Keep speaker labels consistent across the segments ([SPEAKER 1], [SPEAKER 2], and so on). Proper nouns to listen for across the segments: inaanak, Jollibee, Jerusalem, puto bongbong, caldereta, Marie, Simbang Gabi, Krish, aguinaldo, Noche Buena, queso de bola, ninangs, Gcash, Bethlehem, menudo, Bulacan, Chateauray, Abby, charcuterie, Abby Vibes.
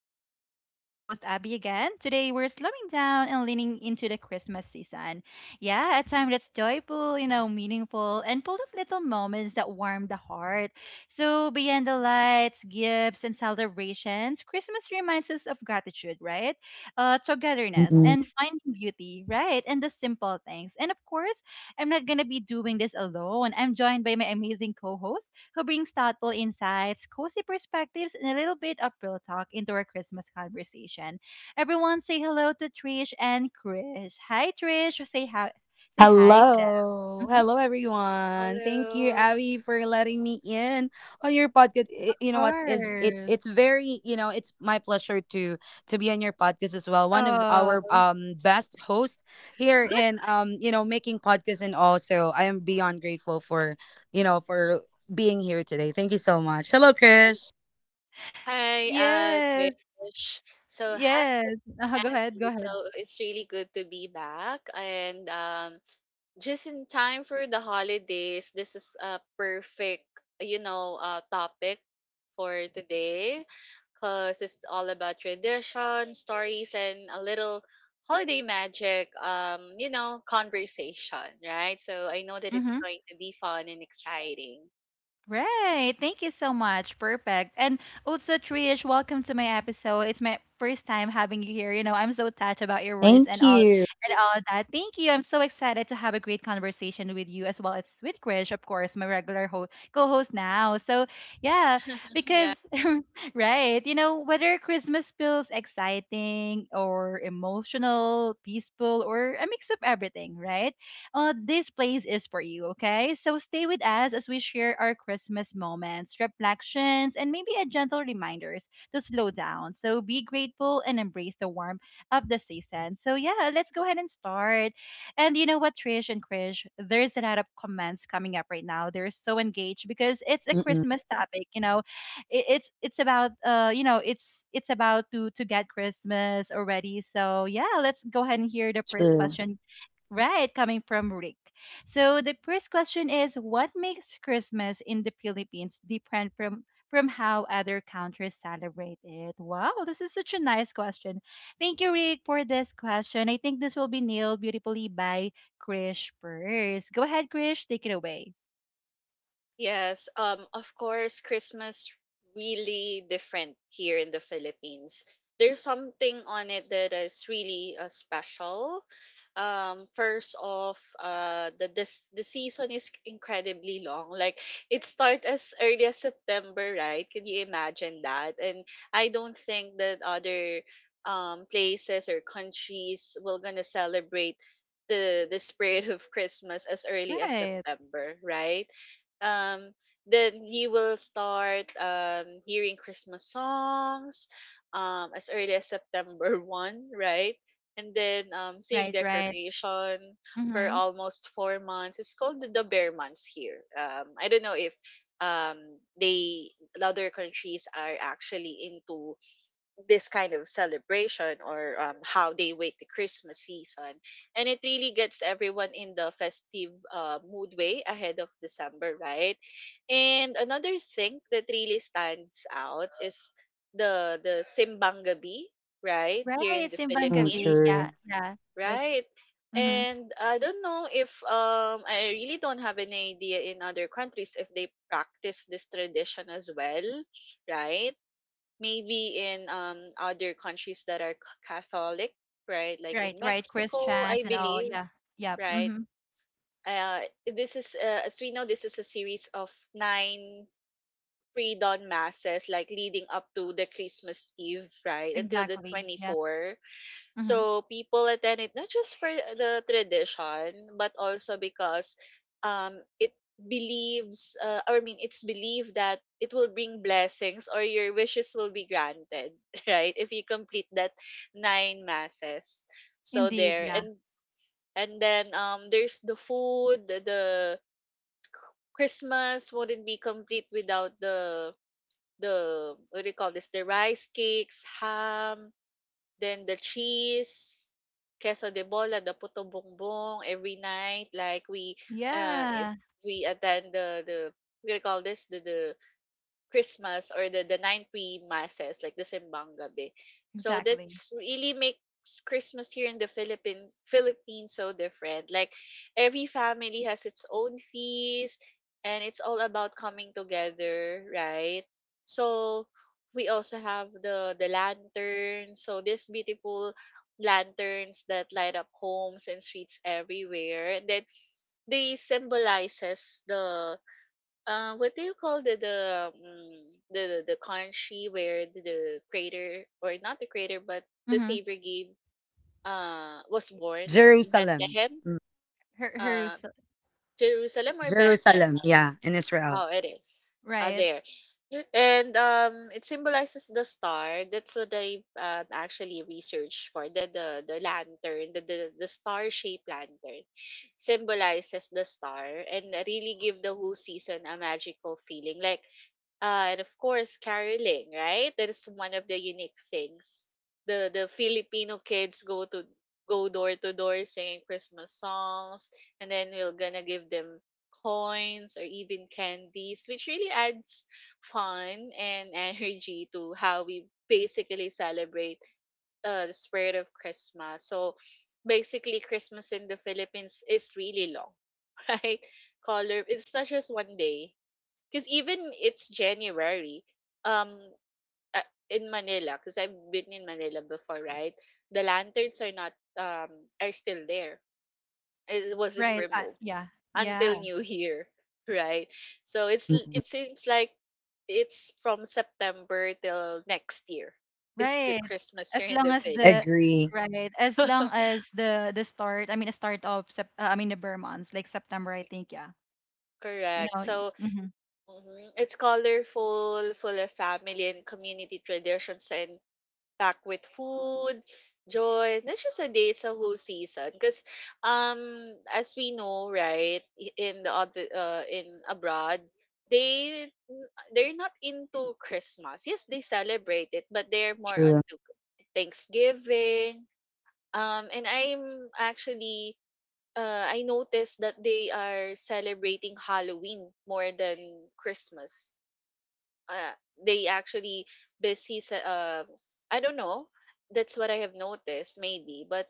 [SPEAKER 1] Vibes. This is your host Abby again. Today we're slowing down and leaning into the Christmas season. Yeah, a time that's joyful, meaningful, and full of little moments that warm the heart. So beyond the lights, gifts, and celebrations, Christmas reminds us of gratitude, right? Togetherness
[SPEAKER 2] Mm-mm.
[SPEAKER 1] and finding beauty, right? And the simple things. And of course, I'm not gonna be doing this alone. I'm joined by my amazing co-host who brings thoughtful insights, cozy perspectives, and a little bit of real talk into our Christmas conversation. Everyone, say hello to Trish and Chris. Hi, Trish. Say hi. Say hi to them.
[SPEAKER 2] Hello.
[SPEAKER 1] Mhm. Of
[SPEAKER 2] Hello, everyone. Thank you,
[SPEAKER 3] Hello.
[SPEAKER 2] Abby, for letting me in on your podcast. You know what is it?
[SPEAKER 1] course.
[SPEAKER 2] It's very, it's my pleasure to be on your podcast as well. One of
[SPEAKER 1] Oh,
[SPEAKER 2] our best hosts here in, making podcasts, and also I am beyond grateful for, you know, for being here today. Thank you so much. Hello, Krish.
[SPEAKER 3] Hi,
[SPEAKER 1] yes.
[SPEAKER 3] Trish. So, hi.
[SPEAKER 1] Yes. Go ahead. Go
[SPEAKER 3] So,
[SPEAKER 1] ahead.
[SPEAKER 3] it's really good to be back. And just in time for the holidays, this is a perfect, topic for today, because it's all about tradition, stories, and a little holiday magic, conversation, right? So, I know that it's
[SPEAKER 1] Mhm.
[SPEAKER 3] going to be fun and exciting.
[SPEAKER 1] Right. Thank you so much. Perfect. And also, Trish, welcome to my episode. It's my first time having you here. You know, I'm so touched about your words and
[SPEAKER 2] Thank
[SPEAKER 1] all
[SPEAKER 2] you.
[SPEAKER 1] and all that. Thank you. I'm so excited to have a great conversation with you as well as with Krish, of course, my regular co-host now. So yeah,
[SPEAKER 3] Yeah.
[SPEAKER 1] because right, whether Christmas feels exciting or emotional, peaceful, or a mix of everything, right? This place is for you, okay? So stay with us as we share our Christmas moments, reflections, and maybe a gentle reminders to slow down. So be grateful and embrace the warmth of the season. So yeah, let's go ahead and start. And you know what, Trish and Krish, there's a lot of comments coming up right now. They're so engaged because it's a Christmas topic. It's about you know, it's about to get Christmas already. So yeah, let's go ahead and hear the first
[SPEAKER 2] True.
[SPEAKER 1] question. Right, coming from Rick. So the first question is what makes Christmas in the Philippines different from how other countries celebrate it? Wow, this is such a nice question. Thank you, Rick, for this question. I think this will be nailed beautifully by Krish first. Go ahead, Krish, take it away.
[SPEAKER 3] Yes, of course, Christmas really different here in the Philippines. There's something on it that is really special. First off, the season is incredibly long. Like it starts as early as September, right? Can you imagine that? And I don't think that other places or countries will gonna celebrate the spirit of Christmas as early as
[SPEAKER 1] Right,
[SPEAKER 3] September, right? um then you will start hearing Christmas songs as early as September 1st, right? And then seeing
[SPEAKER 1] right, right.
[SPEAKER 3] decoration for
[SPEAKER 1] Mm-hmm.
[SPEAKER 3] almost 4 months. It's called the bear months here. I don't know if um they other countries are actually into this kind of celebration, or how they wait the Christmas season. And it really gets everyone in the festive mood way ahead of December, right? And another thing that really stands out is the Simbang Gabi, right?
[SPEAKER 1] Right,
[SPEAKER 3] Here in the
[SPEAKER 1] Simbang
[SPEAKER 2] Mm,
[SPEAKER 1] Gabi.
[SPEAKER 3] Philippines,
[SPEAKER 1] Yeah,
[SPEAKER 2] true.
[SPEAKER 1] yeah. That's.
[SPEAKER 3] right?
[SPEAKER 1] Mm-hmm.
[SPEAKER 3] And I don't know if I really don't have any idea in other countries if they practice this tradition as well, right? Maybe in other countries that are Catholic, right? Like
[SPEAKER 1] Right,
[SPEAKER 3] in
[SPEAKER 1] right.
[SPEAKER 3] Mexico,
[SPEAKER 1] Christians
[SPEAKER 3] I
[SPEAKER 1] and all.
[SPEAKER 3] believe,
[SPEAKER 1] Yeah, yeah.
[SPEAKER 3] right?
[SPEAKER 1] Mm-hmm.
[SPEAKER 3] Uh, this is, as we know, this is a series of nine pre-dawn masses, like leading up to the Christmas Eve, right, until the
[SPEAKER 1] Exactly. Yeah.
[SPEAKER 3] 24.
[SPEAKER 1] Mm-hmm.
[SPEAKER 3] So people attend it not just for the tradition, but also because it believes, or I mean, it's believed that it will bring blessings or your wishes will be granted, right? If you complete that nine masses. So
[SPEAKER 1] Indeed,
[SPEAKER 3] there,
[SPEAKER 1] yeah.
[SPEAKER 3] and then there's the food. The Christmas wouldn't be complete without the, what do you call this? The rice cakes, ham, then the cheese, queso de bola, the puto bongbong every night. If
[SPEAKER 1] Yeah,
[SPEAKER 3] we attend the, we call this the Christmas, or the nine pre-masses, like the Simbang Gabi. So
[SPEAKER 1] exactly.
[SPEAKER 3] that's really makes Christmas here in the Philippines so different. Like every family has its own feast and it's all about coming together, right? So we also have the lanterns. So these beautiful lanterns that light up homes and streets everywhere. And then they symbolizes the, what do you call the, the country where the creator, or not the creator, but the
[SPEAKER 1] Mm-hmm.
[SPEAKER 3] savior gave was born?
[SPEAKER 2] Jerusalem.
[SPEAKER 3] Bethlehem,
[SPEAKER 1] Her, her,
[SPEAKER 3] uh
[SPEAKER 1] s-
[SPEAKER 3] Jerusalem, or Bethlehem.
[SPEAKER 2] Jerusalem. Yeah, in Israel.
[SPEAKER 3] Oh, it is,
[SPEAKER 1] right,
[SPEAKER 3] there. And it symbolizes the star. That's what I, actually researched for the lantern. The star shaped lantern symbolizes the star and really give the whole season a magical feeling, and of course, caroling, right? That is one of the unique things. The Filipino kids go door to door singing Christmas songs, and then we're gonna give them coins or even candies, which really adds fun and energy to how we basically celebrate the spirit of Christmas. So basically, Christmas in the Philippines is really long, right? Color. It's not just one day because even it's January, um, in Manila, because I've been in Manila before, right? The lanterns are not, um are still there. It wasn't
[SPEAKER 1] right.
[SPEAKER 3] removed
[SPEAKER 1] Yeah,
[SPEAKER 3] until
[SPEAKER 1] yeah,
[SPEAKER 3] New Year, right? So it seems like it's from September till next year is the
[SPEAKER 1] right.
[SPEAKER 3] Christmas here
[SPEAKER 1] As
[SPEAKER 3] in
[SPEAKER 1] long
[SPEAKER 3] the
[SPEAKER 1] as the,
[SPEAKER 3] Philippines.
[SPEAKER 2] Agree.
[SPEAKER 1] Right, as long as the start, I mean, the start of, I mean, the Burr months, like September, I think, yeah. You know,
[SPEAKER 3] Correct. So
[SPEAKER 1] mm-hmm,
[SPEAKER 3] mhm, it's colorful, full of family and community traditions and back with food, joy. Not just a day, it's a whole season. Because um as we know, right, in abroad, they they're not into Christmas. Yes, they celebrate it, but they're more
[SPEAKER 2] True.
[SPEAKER 3] onto Thanksgiving. And I noticed that they are celebrating Halloween more than Christmas. uh, they actually busy, I don't know. That's what I have noticed maybe, but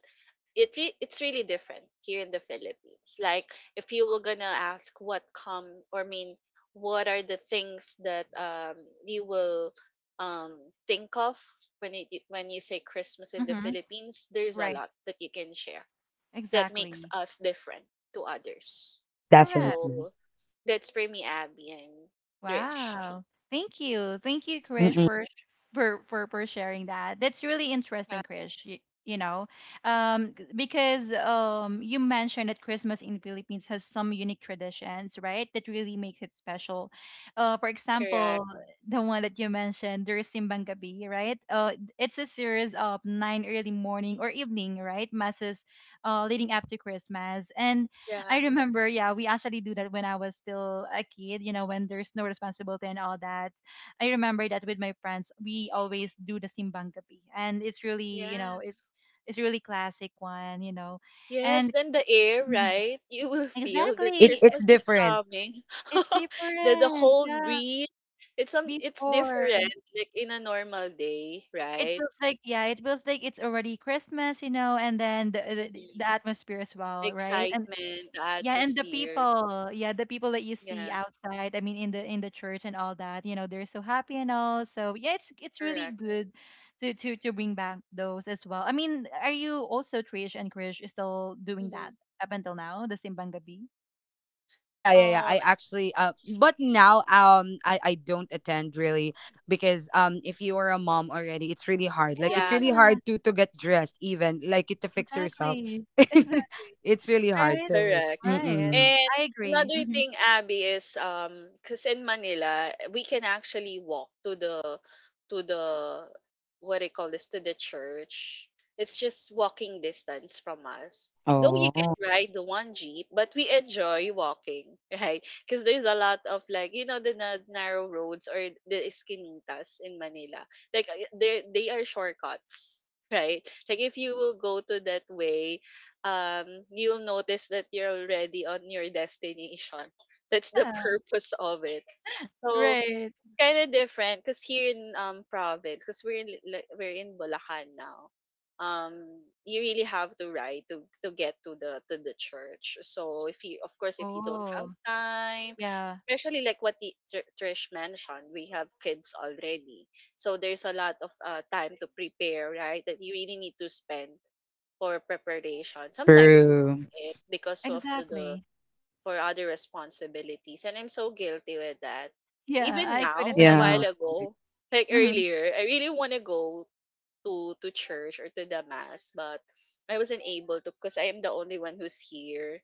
[SPEAKER 3] it's really different here in the Philippines. Like if you were gonna ask what come or mean what are the things that you will um think of when you say Christmas in the
[SPEAKER 1] mm-hmm,
[SPEAKER 3] Philippines, there's a
[SPEAKER 1] right,
[SPEAKER 3] lot that you can share that makes
[SPEAKER 1] exactly.
[SPEAKER 3] us different to others.
[SPEAKER 1] Correct.
[SPEAKER 3] So
[SPEAKER 2] Definitely.
[SPEAKER 3] that's for me, Abby, and Trish.
[SPEAKER 1] Wow. Thank you. Thank you, Krish,
[SPEAKER 2] Mm-mm.
[SPEAKER 1] for sh- for sharing that. That's really interesting, Krish. You know, because you mentioned that Christmas in Philippines has some unique traditions, right? That really makes it special. For
[SPEAKER 3] Correct.
[SPEAKER 1] example, the one that you mentioned, there's Simbang Gabi, right? It's a series of nine early morning or evening, right, masses, leading up to Christmas, and I
[SPEAKER 3] Yeah.
[SPEAKER 1] remember, yeah, we actually do that when I was still a kid, when there's no responsibility and all that. I remember that with my friends, we always do the simbang gabi, and it's really, it's
[SPEAKER 3] Yes.
[SPEAKER 1] it's really classic one,
[SPEAKER 3] Yes,
[SPEAKER 1] and
[SPEAKER 3] then the air,
[SPEAKER 1] mhm.
[SPEAKER 3] right? You will feel that
[SPEAKER 2] It's
[SPEAKER 1] Exactly,
[SPEAKER 2] it's
[SPEAKER 3] Christmas
[SPEAKER 1] it,
[SPEAKER 3] is
[SPEAKER 2] different.
[SPEAKER 3] coming.
[SPEAKER 1] it's
[SPEAKER 3] The
[SPEAKER 1] different,
[SPEAKER 3] cold
[SPEAKER 1] yeah.
[SPEAKER 3] breeze. It's
[SPEAKER 1] Before
[SPEAKER 3] different like in a normal day,
[SPEAKER 1] it
[SPEAKER 3] right?
[SPEAKER 1] feels like, yeah, it feels like it's already Christmas, and then the the,
[SPEAKER 3] Mm-hmm.
[SPEAKER 1] the atmosphere as
[SPEAKER 3] The
[SPEAKER 1] well, right? And
[SPEAKER 3] excitement, the
[SPEAKER 1] yeah, and the
[SPEAKER 3] atmosphere.
[SPEAKER 1] people, yeah, the people that you see
[SPEAKER 3] Yeah,
[SPEAKER 1] outside, I mean in the church and all that, they're so happy and all. So yeah, it's really
[SPEAKER 3] correct.
[SPEAKER 1] good to bring back those as well. I mean, are you also Trish and Krish is still doing
[SPEAKER 3] Mm-hmm.
[SPEAKER 1] that up until now, the Simbang Gabi?
[SPEAKER 2] Yeah, yeah, yeah.
[SPEAKER 3] Um,
[SPEAKER 2] I actually, but now, I don't attend really, because if you are a mom already, it's really hard. Like, it's
[SPEAKER 3] yeah,
[SPEAKER 2] really
[SPEAKER 1] Yeah,
[SPEAKER 2] hard to get dressed, even like to fix yourself.
[SPEAKER 1] exactly. Exactly.
[SPEAKER 2] It's really hard.
[SPEAKER 1] Right?
[SPEAKER 2] So,
[SPEAKER 3] correct.
[SPEAKER 1] Right.
[SPEAKER 2] mm-mm.
[SPEAKER 3] And
[SPEAKER 1] I agree.
[SPEAKER 3] another
[SPEAKER 1] Hmm.
[SPEAKER 3] thing, Abby, is cause in Manila we can actually walk to the, what do you call this, to the church. It's just walking distance from us. Though you
[SPEAKER 2] Oh,
[SPEAKER 3] can ride the one jeep, but we enjoy walking, right? Because there's a lot of, like, the narrow roads or the esquinitas in Manila. Like they are shortcuts, right? Like if you will go to that way, you'll notice that you're already on your destination. That's the
[SPEAKER 1] Yeah.
[SPEAKER 3] purpose of it. So
[SPEAKER 1] Right.
[SPEAKER 3] it's kind of different because here in province, because we're in Bulacan now. You really have to ride to get to the church. So if you, of course, if you don't have
[SPEAKER 1] Oh,
[SPEAKER 3] time,
[SPEAKER 1] yeah.
[SPEAKER 3] especially like what, Trish mentioned, we have kids already, so there's a lot of time to prepare, right? That you really need to spend for preparation. Sometimes we miss
[SPEAKER 2] true.
[SPEAKER 3] it because of the
[SPEAKER 1] Exactly.
[SPEAKER 3] for other responsibilities. And I'm so guilty with that.
[SPEAKER 1] Yeah,
[SPEAKER 3] Even
[SPEAKER 1] I couldn't
[SPEAKER 3] now, a
[SPEAKER 1] agree more.
[SPEAKER 3] while
[SPEAKER 2] Yeah.
[SPEAKER 3] ago, like
[SPEAKER 1] Hmm.
[SPEAKER 3] earlier, I really want to go to church or to the mass, but I wasn't able to because I am the only one who's here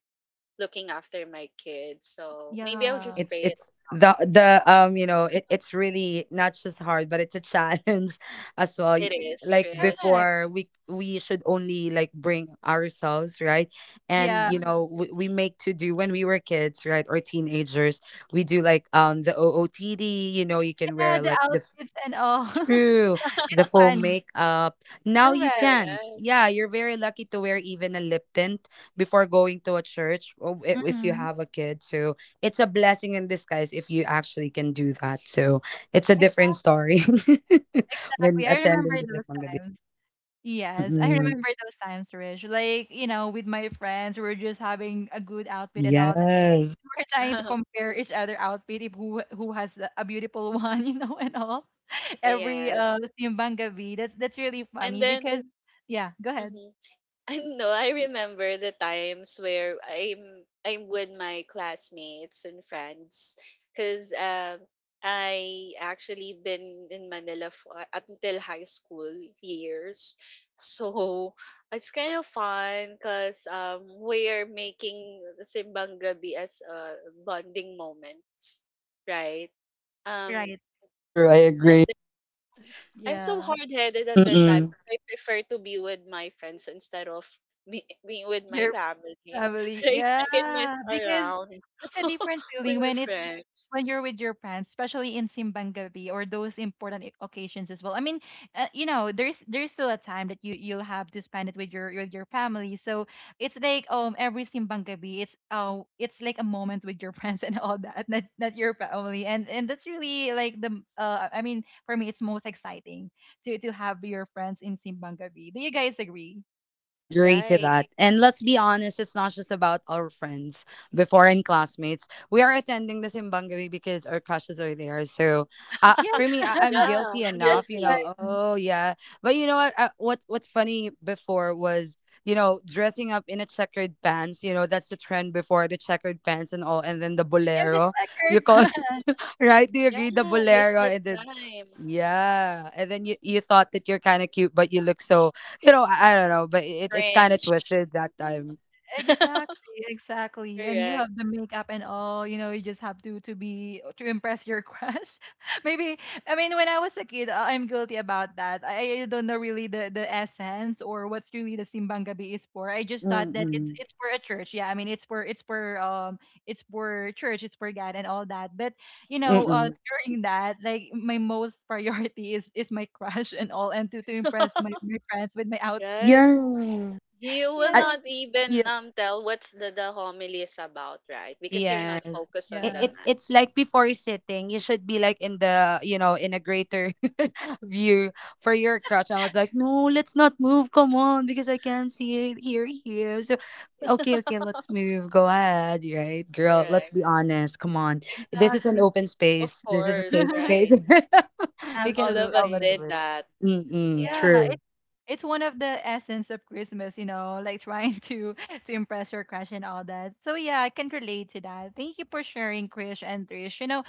[SPEAKER 3] looking after my kids. So maybe I'll
[SPEAKER 1] Yeah.
[SPEAKER 3] just
[SPEAKER 2] it's
[SPEAKER 3] pray it
[SPEAKER 2] it's
[SPEAKER 3] out.
[SPEAKER 2] the it's really not just hard, but it's a challenge as well.
[SPEAKER 3] It
[SPEAKER 2] Y-
[SPEAKER 3] is,
[SPEAKER 2] like
[SPEAKER 3] Trish.
[SPEAKER 1] Correct.
[SPEAKER 2] before, we should only like bring ourselves, right? And
[SPEAKER 1] Yeah.
[SPEAKER 3] Mhm.
[SPEAKER 2] we make to do when we were kids, right? Or teenagers, we do like the ootd, you can
[SPEAKER 1] Yeah,
[SPEAKER 2] wear
[SPEAKER 1] the
[SPEAKER 2] like the...
[SPEAKER 1] outfits and all.
[SPEAKER 2] True. The
[SPEAKER 1] It's
[SPEAKER 2] full
[SPEAKER 1] funny.
[SPEAKER 2] makeup. Now you
[SPEAKER 1] Correct.
[SPEAKER 2] can't.
[SPEAKER 3] Correct.
[SPEAKER 2] Yeah, you're very lucky to wear even a lip tint before going to a church, or if you
[SPEAKER 1] Hmm.
[SPEAKER 2] have a kid. So it's a blessing in disguise if you actually can do that. So it's a different
[SPEAKER 1] Exactly.
[SPEAKER 2] story when
[SPEAKER 1] Exactly. I remember
[SPEAKER 2] attending the
[SPEAKER 1] those
[SPEAKER 2] Zimbangabit.
[SPEAKER 1] times. Yes, I
[SPEAKER 2] Mm-mm.
[SPEAKER 1] remember those times, Rich. Like, with my friends, we are just having a good outfit and all that.
[SPEAKER 2] Yes.
[SPEAKER 1] We're trying to compare each other outfit if who has a beautiful one, and all. Every
[SPEAKER 3] Yes.
[SPEAKER 1] Simbang Gabi. That's really
[SPEAKER 3] And
[SPEAKER 1] funny
[SPEAKER 3] then
[SPEAKER 1] because yeah, go ahead.
[SPEAKER 3] mhm. I know. I remember the times where I'm with my classmates and friends, because I actually been in Manila until high school years, so it's kind of fun because we're making Simbang Gabi as a bonding moments, right? Um,
[SPEAKER 1] Right.
[SPEAKER 2] True, I agree.
[SPEAKER 3] and I'm so
[SPEAKER 1] Yeah.
[SPEAKER 3] hard headed on that type.
[SPEAKER 2] Mm-mm.
[SPEAKER 3] I prefer to be with my friends instead of being with my family.
[SPEAKER 1] Family,
[SPEAKER 3] Right? I can mess
[SPEAKER 1] yeah, because
[SPEAKER 3] around
[SPEAKER 1] it's a different
[SPEAKER 3] with
[SPEAKER 1] feeling
[SPEAKER 3] my
[SPEAKER 1] when it's y-
[SPEAKER 3] friends.
[SPEAKER 1] when you're with your parents, especially in simbang gabi or those important occasions as well. I mean, there's still a time that you'll have to spend it with your family. So it's like every simbang gabi, it's like a moment with your friends and all that, not your family, and that's really like I mean for me it's most exciting to have your friends in simbang gabi. Do you guys agree?
[SPEAKER 2] Agree to
[SPEAKER 3] Right.
[SPEAKER 2] that. And let's be honest, it's not just about our friends before and classmates. We are attending the Simbangawi because our crushes are there. So, for me, I'm
[SPEAKER 3] Yeah,
[SPEAKER 2] guilty
[SPEAKER 3] I'm
[SPEAKER 2] enough,
[SPEAKER 1] Yes.
[SPEAKER 3] guilty.
[SPEAKER 2] oh yeah. But you know what? What's funny before was, dressing up in a checkered pants, that's the trend before, the checkered pants and all. And then the
[SPEAKER 1] You're the
[SPEAKER 2] bolero. You
[SPEAKER 1] checkered
[SPEAKER 2] call...
[SPEAKER 1] pants.
[SPEAKER 2] Right? Do you
[SPEAKER 3] Yeah,
[SPEAKER 2] agree? The
[SPEAKER 3] miss
[SPEAKER 2] bolero.
[SPEAKER 3] that
[SPEAKER 2] And then,
[SPEAKER 3] time.
[SPEAKER 2] yeah, and then you thought that you're kind of cute, but you look so... I don't know, but it's kind of
[SPEAKER 3] Cringe.
[SPEAKER 2] twisted that time.
[SPEAKER 1] Exactly, exactly. And you have
[SPEAKER 3] Correct.
[SPEAKER 1] the makeup and all, you just have to be to impress your crush. Maybe I mean when I was a kid, I'm guilty about that. I don't know really the essence or what's really the Simbang Gabi is for. I just thought that it's
[SPEAKER 2] Mm-mm.
[SPEAKER 1] it's for a church. Yeah, I mean it's for church, it's for God and all that. But you know, uh,
[SPEAKER 2] Mm-mm.
[SPEAKER 1] during that, like my most priority is my crush and all, and to impress my my friends with my outfit.
[SPEAKER 3] Right.
[SPEAKER 2] Yeah,
[SPEAKER 3] You will
[SPEAKER 2] I...
[SPEAKER 1] Yeah.
[SPEAKER 3] not even
[SPEAKER 2] yeah.
[SPEAKER 3] tell what's the homily is about, right? Because you're not
[SPEAKER 2] Yes.
[SPEAKER 3] focused on the
[SPEAKER 1] Yeah,
[SPEAKER 2] It's
[SPEAKER 3] mass.
[SPEAKER 2] like before sitting, you should be like in the, in a greater view for your crush. I was like, no, let's not move. Come on, because I can't see it here. So, okay, okay, let's move. Go ahead, right, girl. Let's
[SPEAKER 3] Correct.
[SPEAKER 2] be honest. Come on, this is an
[SPEAKER 1] exactly.
[SPEAKER 2] open
[SPEAKER 3] Of
[SPEAKER 2] space. This is a
[SPEAKER 3] course,
[SPEAKER 2] safe space.
[SPEAKER 3] right.
[SPEAKER 2] You can
[SPEAKER 3] All
[SPEAKER 2] just
[SPEAKER 3] of
[SPEAKER 2] tell
[SPEAKER 3] us
[SPEAKER 1] Absolutely.
[SPEAKER 3] did
[SPEAKER 2] whatever.
[SPEAKER 3] that.
[SPEAKER 2] Mm-mm,
[SPEAKER 3] Yeah,
[SPEAKER 1] Yeah,
[SPEAKER 2] true,
[SPEAKER 1] it's one of the essence of Christmas, like trying to to impress your crush and all that. So yeah, I can relate to that. Thank you for sharing, Krish and Trish.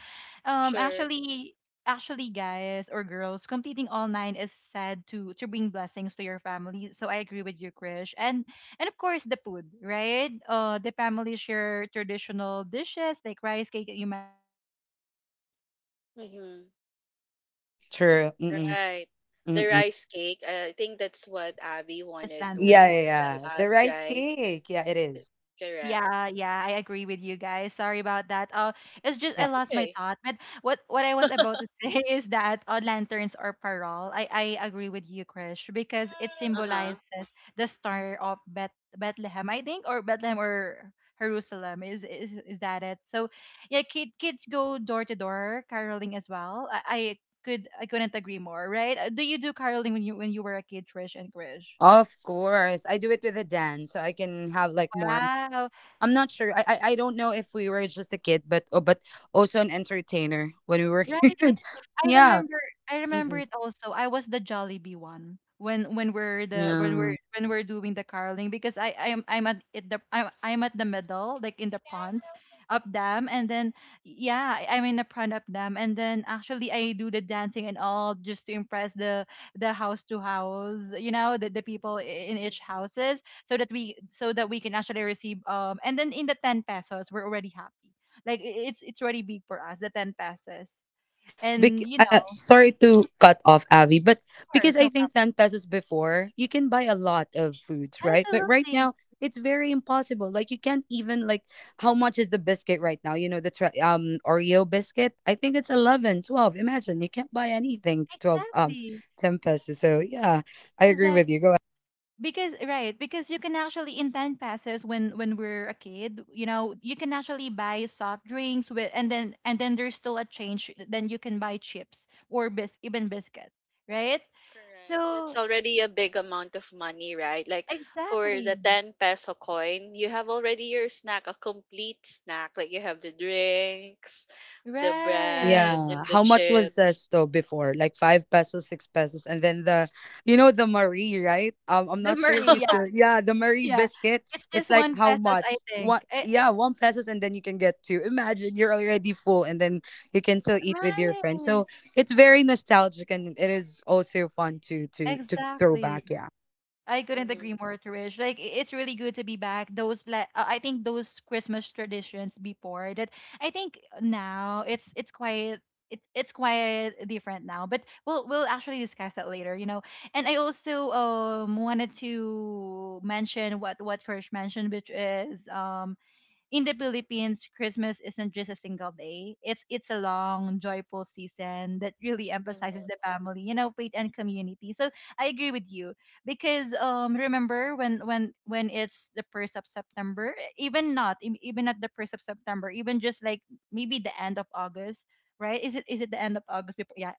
[SPEAKER 1] um,
[SPEAKER 3] sure.
[SPEAKER 1] actually, actually, guys or girls, completing all nine is said to bring blessings to your family. So I agree with you, Krish, and of course the food, right? The family share traditional dishes like rice cake that you mentioned, Krish, and other festive foods. You know,
[SPEAKER 3] Mm-hmm.
[SPEAKER 1] which bring anyone together
[SPEAKER 2] true. Mm-mm,
[SPEAKER 3] Right.
[SPEAKER 1] and
[SPEAKER 3] The
[SPEAKER 2] mm-mm.
[SPEAKER 1] then
[SPEAKER 3] rice
[SPEAKER 1] there's
[SPEAKER 3] cake,
[SPEAKER 1] this
[SPEAKER 3] I think
[SPEAKER 1] visual
[SPEAKER 3] that's what
[SPEAKER 1] magic,
[SPEAKER 3] Abby
[SPEAKER 1] which is
[SPEAKER 3] wanted
[SPEAKER 2] Yeah,
[SPEAKER 1] lanterns.
[SPEAKER 3] to
[SPEAKER 2] yeah,
[SPEAKER 3] tell
[SPEAKER 2] yeah. The
[SPEAKER 3] us,
[SPEAKER 2] rice
[SPEAKER 3] right?
[SPEAKER 2] cake. Yeah, it is.
[SPEAKER 3] Correct.
[SPEAKER 1] Yeah, yeah, I agree with you guys. Sorry about that. It's just I
[SPEAKER 2] Yeah.
[SPEAKER 1] lost my
[SPEAKER 3] Okay.
[SPEAKER 1] thought. But what I was about to say is that lanterns or parol. I agree with you, Krish, because it symbolizes
[SPEAKER 3] Uh-huh.
[SPEAKER 1] the star of Bethlehem, I think, or Bethlehem or Jerusalem. Is that it? So, yeah, kids go door to door caroling as well. I couldn't agree more. Right? Do you do caroling when you were a kid, Trish and Krish?
[SPEAKER 2] Of course. I do it with a dance so I can have like more.
[SPEAKER 1] Wow.
[SPEAKER 2] I'm not sure. I don't know if we were just a kid, but oh, but also an entertainer when we were
[SPEAKER 1] Right.
[SPEAKER 2] kid.
[SPEAKER 1] I
[SPEAKER 2] Yeah.
[SPEAKER 1] remember I remember
[SPEAKER 2] Mm-mm.
[SPEAKER 1] it also. I was the Jollibee one when when we're the when we're
[SPEAKER 2] Yeah.
[SPEAKER 1] when we're doing the caroling because I I'm at it the I'm at the middle, like in the front of them and then yeah, I'm in the front of them and then actually I do the dancing and all just to impress the house to house, the people in each houses so that we can actually receive and then in the 10 pesos we're already happy. Like it's already big for us, the 10 pesos and
[SPEAKER 2] Bec- uh, sorry
[SPEAKER 1] of
[SPEAKER 2] to cut off Avi, but because
[SPEAKER 1] course,
[SPEAKER 2] I
[SPEAKER 1] no problem.
[SPEAKER 2] think 10 pesos before, you can buy a lot of foods, right? But right
[SPEAKER 1] Absolutely.
[SPEAKER 2] now, it's very impossible. Like, you can't even like, how much is the biscuit right now? You know the Oreo biscuit? I think it's 11, 12. Imagine, you can't buy anything to 12,
[SPEAKER 1] Exactly.
[SPEAKER 2] 10 pesos. So, yeah, I agree
[SPEAKER 1] Exactly.
[SPEAKER 2] with you. Go...
[SPEAKER 1] Because right, because you can actually in 10 pesos when we're a kid, you can actually buy soft drinks with and then there's still a change, then you can buy chips or bis even biscuit, right?
[SPEAKER 3] Correct. It's
[SPEAKER 1] So
[SPEAKER 3] already a big amount of money, right? Like for the
[SPEAKER 1] exactly.
[SPEAKER 3] 10 peso coin, you have already your snack, a complete snack. Like you have the drinks, the
[SPEAKER 1] Right.
[SPEAKER 3] bread, and
[SPEAKER 2] Yeah.
[SPEAKER 3] the
[SPEAKER 2] How much was
[SPEAKER 3] chips.
[SPEAKER 2] Zesto before? Like, 5 pesos, 6 pesos. And then the Marie, right? I'm
[SPEAKER 1] The
[SPEAKER 2] not sure
[SPEAKER 1] Marie,
[SPEAKER 2] if you
[SPEAKER 1] yeah,
[SPEAKER 2] still... yeah, the Marie
[SPEAKER 1] yeah.
[SPEAKER 2] biscuit.
[SPEAKER 1] It's
[SPEAKER 2] It's
[SPEAKER 1] just
[SPEAKER 2] like
[SPEAKER 1] one
[SPEAKER 2] how
[SPEAKER 1] pesos, I
[SPEAKER 2] much?
[SPEAKER 1] think.
[SPEAKER 2] What? Yeah, 1 pesos, and then you can get two. Imagine, you're already full, and then you can still eat with your friends.
[SPEAKER 1] Right.
[SPEAKER 2] So it's very nostalgic, and it is also fun to throw
[SPEAKER 1] Exactly.
[SPEAKER 2] back. Yeah.
[SPEAKER 1] I couldn't agree
[SPEAKER 3] Mm-hmm.
[SPEAKER 1] more, Trish. Like it's really good to be back. Those like I think those Christmas traditions before that I think now it's quite different now. But we'll actually discuss that later. And I also wanted to mention what Trish mentioned, which is in the Philippines, Christmas isn't just a single day. It's a long, joyful season that really emphasizes the
[SPEAKER 3] Mm-hmm.
[SPEAKER 1] family, faith and community. So I agree with you because remember when it's the first of September, even not even at the first of September, even just like maybe the end of August, right? Is it the end of August? Before, yeah,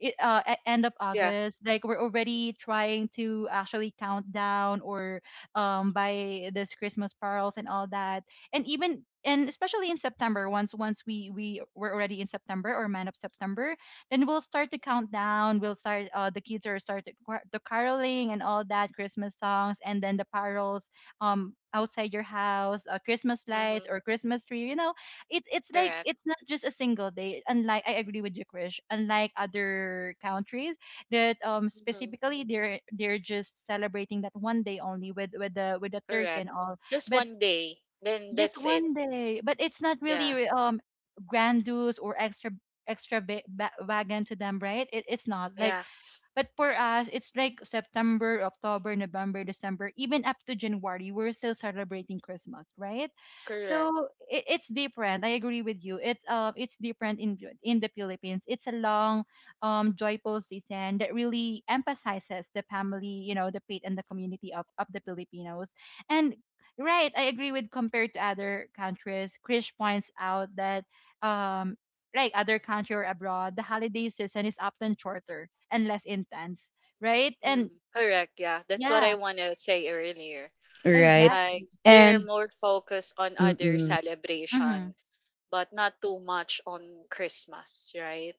[SPEAKER 1] at end of
[SPEAKER 3] Yeah.
[SPEAKER 1] August, like we're already trying to actually count down or buy this Christmas pearls and all that and even and especially in September, once we were already in September or man of September, then we'll start to count down. We'll start the kids are start the caroling and all that Christmas songs, and then the parols outside your house, Christmas lights
[SPEAKER 3] Mm-hmm.
[SPEAKER 1] or Christmas tree. You know, it's like
[SPEAKER 3] Correct.
[SPEAKER 1] it's not just a single day. Unlike I agree with you, Krish. Unlike other countries that
[SPEAKER 3] Mhm,
[SPEAKER 1] specifically they're just celebrating that one day only with with the turkey
[SPEAKER 3] correct.
[SPEAKER 1] and all.
[SPEAKER 3] Just
[SPEAKER 1] But
[SPEAKER 3] one day, then
[SPEAKER 1] just
[SPEAKER 3] that's it.
[SPEAKER 1] one day, but it's not really
[SPEAKER 3] Yeah,
[SPEAKER 1] grandiose or extravagant to them, right? It's not like
[SPEAKER 3] yeah,
[SPEAKER 1] but for us, it's like September, October, November, December, even up to January, we're still celebrating Christmas, right?
[SPEAKER 3] correct.
[SPEAKER 1] So it's different. I agree with you. It's different in the Philippines. It's a long, joyful season that really emphasizes the family, you know, the faith and the community of the Filipinos. And right, I agree with compared to other countries. Krish points out that um like other country or abroad, the holiday season is often shorter and less intense, right? And
[SPEAKER 3] Mm, correct, yeah. That's what I
[SPEAKER 1] yeah,
[SPEAKER 3] want to say earlier.
[SPEAKER 2] Right.
[SPEAKER 3] Like,
[SPEAKER 1] exactly.
[SPEAKER 3] they're
[SPEAKER 2] And...
[SPEAKER 3] more focused on other
[SPEAKER 2] mm-mm.
[SPEAKER 1] Mm-hmm.
[SPEAKER 3] celebration, but not too much on Christmas, right?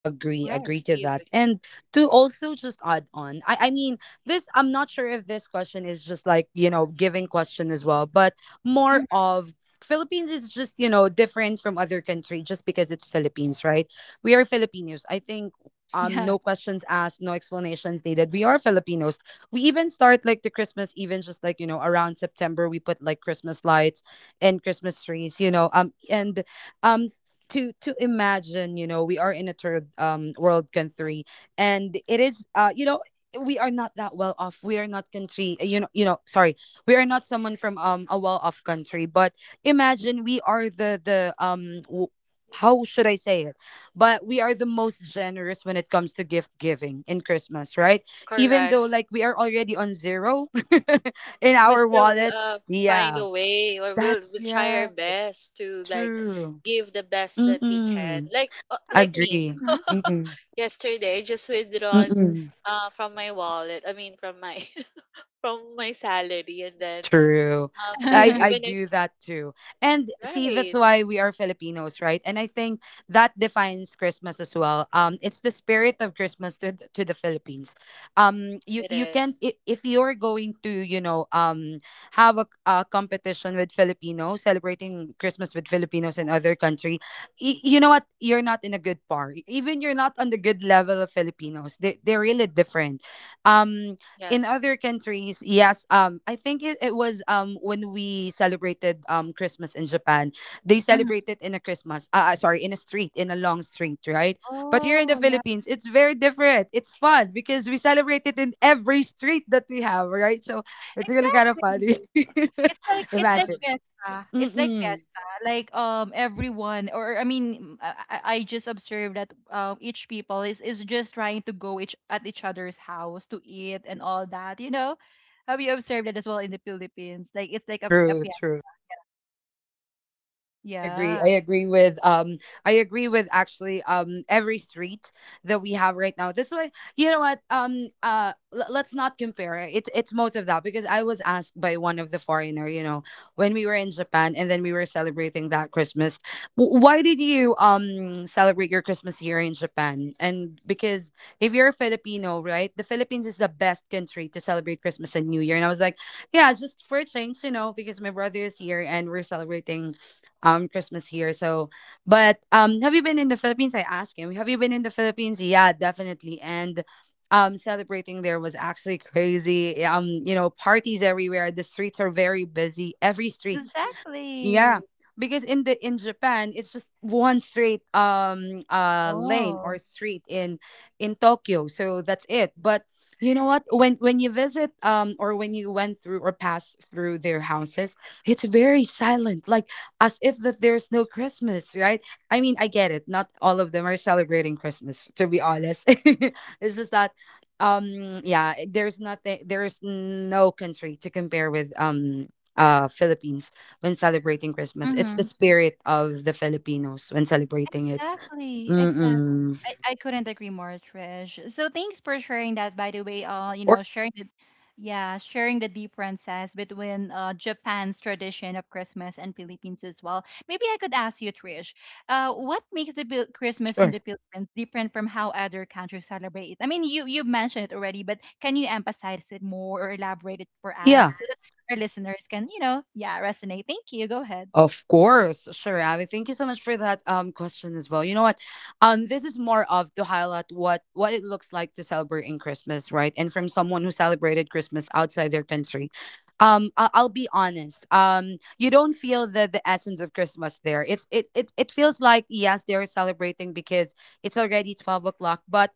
[SPEAKER 2] Agree,
[SPEAKER 1] Right.
[SPEAKER 2] agree to that.
[SPEAKER 3] Even,
[SPEAKER 2] And to also just add on, I mean, this... I'm not sure if this question is just like, giving question as well, but more
[SPEAKER 1] hmm
[SPEAKER 2] of... Philippines is just, different from other country just because it's Philippines, right? We are Filipinos. I think
[SPEAKER 1] Yeah.
[SPEAKER 2] no questions asked, no explanations needed. We are Filipinos. We even start like the Christmas, even just like, around September. We put like Christmas lights and Christmas trees, and um to imagine, you know, we are in a third world country, and it is, we are not that well off. We are not country, sorry, we are not someone from a well off country. But imagine, we are the how should I say it, but we are the most generous when it comes to gift giving in Christmas, right? Even
[SPEAKER 3] correct.
[SPEAKER 2] though like we are already on zero in
[SPEAKER 3] We
[SPEAKER 2] our
[SPEAKER 3] still
[SPEAKER 2] wallet.
[SPEAKER 3] uh, find
[SPEAKER 2] Yeah,
[SPEAKER 3] a way, or we'll
[SPEAKER 2] that's,
[SPEAKER 3] we'll try our
[SPEAKER 2] yeah,
[SPEAKER 3] best to like
[SPEAKER 2] true.
[SPEAKER 3] give the best that we can,
[SPEAKER 2] Mm-mm.
[SPEAKER 3] like me
[SPEAKER 2] Agree.
[SPEAKER 1] hmm
[SPEAKER 2] Mm-mm.
[SPEAKER 3] yesterday. I just withdrawn
[SPEAKER 2] Mm-mm.
[SPEAKER 3] from my wallet, I mean, from my from my salary. And then
[SPEAKER 2] True.
[SPEAKER 3] there,
[SPEAKER 2] I
[SPEAKER 3] even if
[SPEAKER 2] do that too. And see, that's
[SPEAKER 3] right
[SPEAKER 2] why we are Filipinos, right? And I think that defines Christmas as well. It's the spirit of Christmas to to the Philippines. Um you
[SPEAKER 3] it
[SPEAKER 2] you can,
[SPEAKER 3] is
[SPEAKER 2] if, you're going to, have a competition with Filipinos celebrating Christmas with Filipinos in other country, you know what? You're not in a good par. Even you're not on the good level of Filipinos. They're really different. Um in
[SPEAKER 3] yes.
[SPEAKER 2] other countries, yes, I think it was, when we celebrated, Christmas in Japan. They celebrated in a Christmas, sorry, in a street, in a long street, right? But here in the
[SPEAKER 1] Oh, yeah.
[SPEAKER 2] Philippines, it's very different. It's fun because we celebrate it in every street that we have, right? So it's really kind of funny.
[SPEAKER 1] Exactly. It's like
[SPEAKER 2] Imagine.
[SPEAKER 1] fiesta. It's like
[SPEAKER 2] Mm-mm.
[SPEAKER 1] fiesta. Like everyone or I just observed that each people is just trying to go each at each other's house to eat and all that, you know? Have you observed that as well in the Philippines? Like it's like a
[SPEAKER 2] True,
[SPEAKER 1] fiesta.
[SPEAKER 2] true. I agree.
[SPEAKER 1] Yeah,
[SPEAKER 2] I agree with, actually, every street that we have right now. This way, you know what? Let's not compare. It's most of that because I was asked by one of the foreigner, when we were in Japan and then we were celebrating that Christmas. Why did you celebrate your Christmas here in Japan?" And because if you're a Filipino, right? The Philippines is the best country to celebrate Christmas and New Year. And I was like, yeah, just for a change, because my brother is here and we're celebrating Christmas here. So, but have you been in the Philippines? I asked him. Have you been in the Philippines? Yeah, definitely. And celebrating there was actually crazy. Parties everywhere. The streets are very busy. Every street,
[SPEAKER 1] exactly.
[SPEAKER 2] yeah, because in the in Japan, it's just one straight lane or
[SPEAKER 1] Oh.
[SPEAKER 2] street in Tokyo. So that's it. But you know what? When you visit, or when you went through or passed through their houses, it's very silent, like as if that there's no Christmas, right? I mean, I get it. Not all of them are celebrating Christmas, to be honest. It's just that, yeah, there's nothing there's no country to compare with, Philippines, when celebrating Christmas. It's the
[SPEAKER 1] Mhm.
[SPEAKER 2] spirit of the Filipinos when celebrating it.
[SPEAKER 1] Exactly, exactly.
[SPEAKER 2] Mm-mm.
[SPEAKER 1] I couldn't agree more, Trish. So thanks for sharing that, by the way. You
[SPEAKER 2] Or
[SPEAKER 1] know, sharing the yeah, sharing the differences between Japan's tradition of Christmas and Philippines as well. Maybe I could ask you, Trish, what makes the Christmas in
[SPEAKER 2] sure.
[SPEAKER 1] the Philippines different from how other countries celebrate it? I mean, you mentioned it already, but can you emphasize it more or elaborate it for us
[SPEAKER 2] Yeah.
[SPEAKER 1] so that our listeners can, you know, yeah, resonate? Thank you. Go ahead.
[SPEAKER 2] Of course, sure, Abby. Thank you so much for that question as well. You know what? This is more of to highlight what it looks like to celebrate in Christmas, right? And from someone who celebrated Christmas outside their country, I'll be honest. You don't feel the essence of Christmas there. It's it it it feels like, yes, they're celebrating because it's already 12 o'clock, but,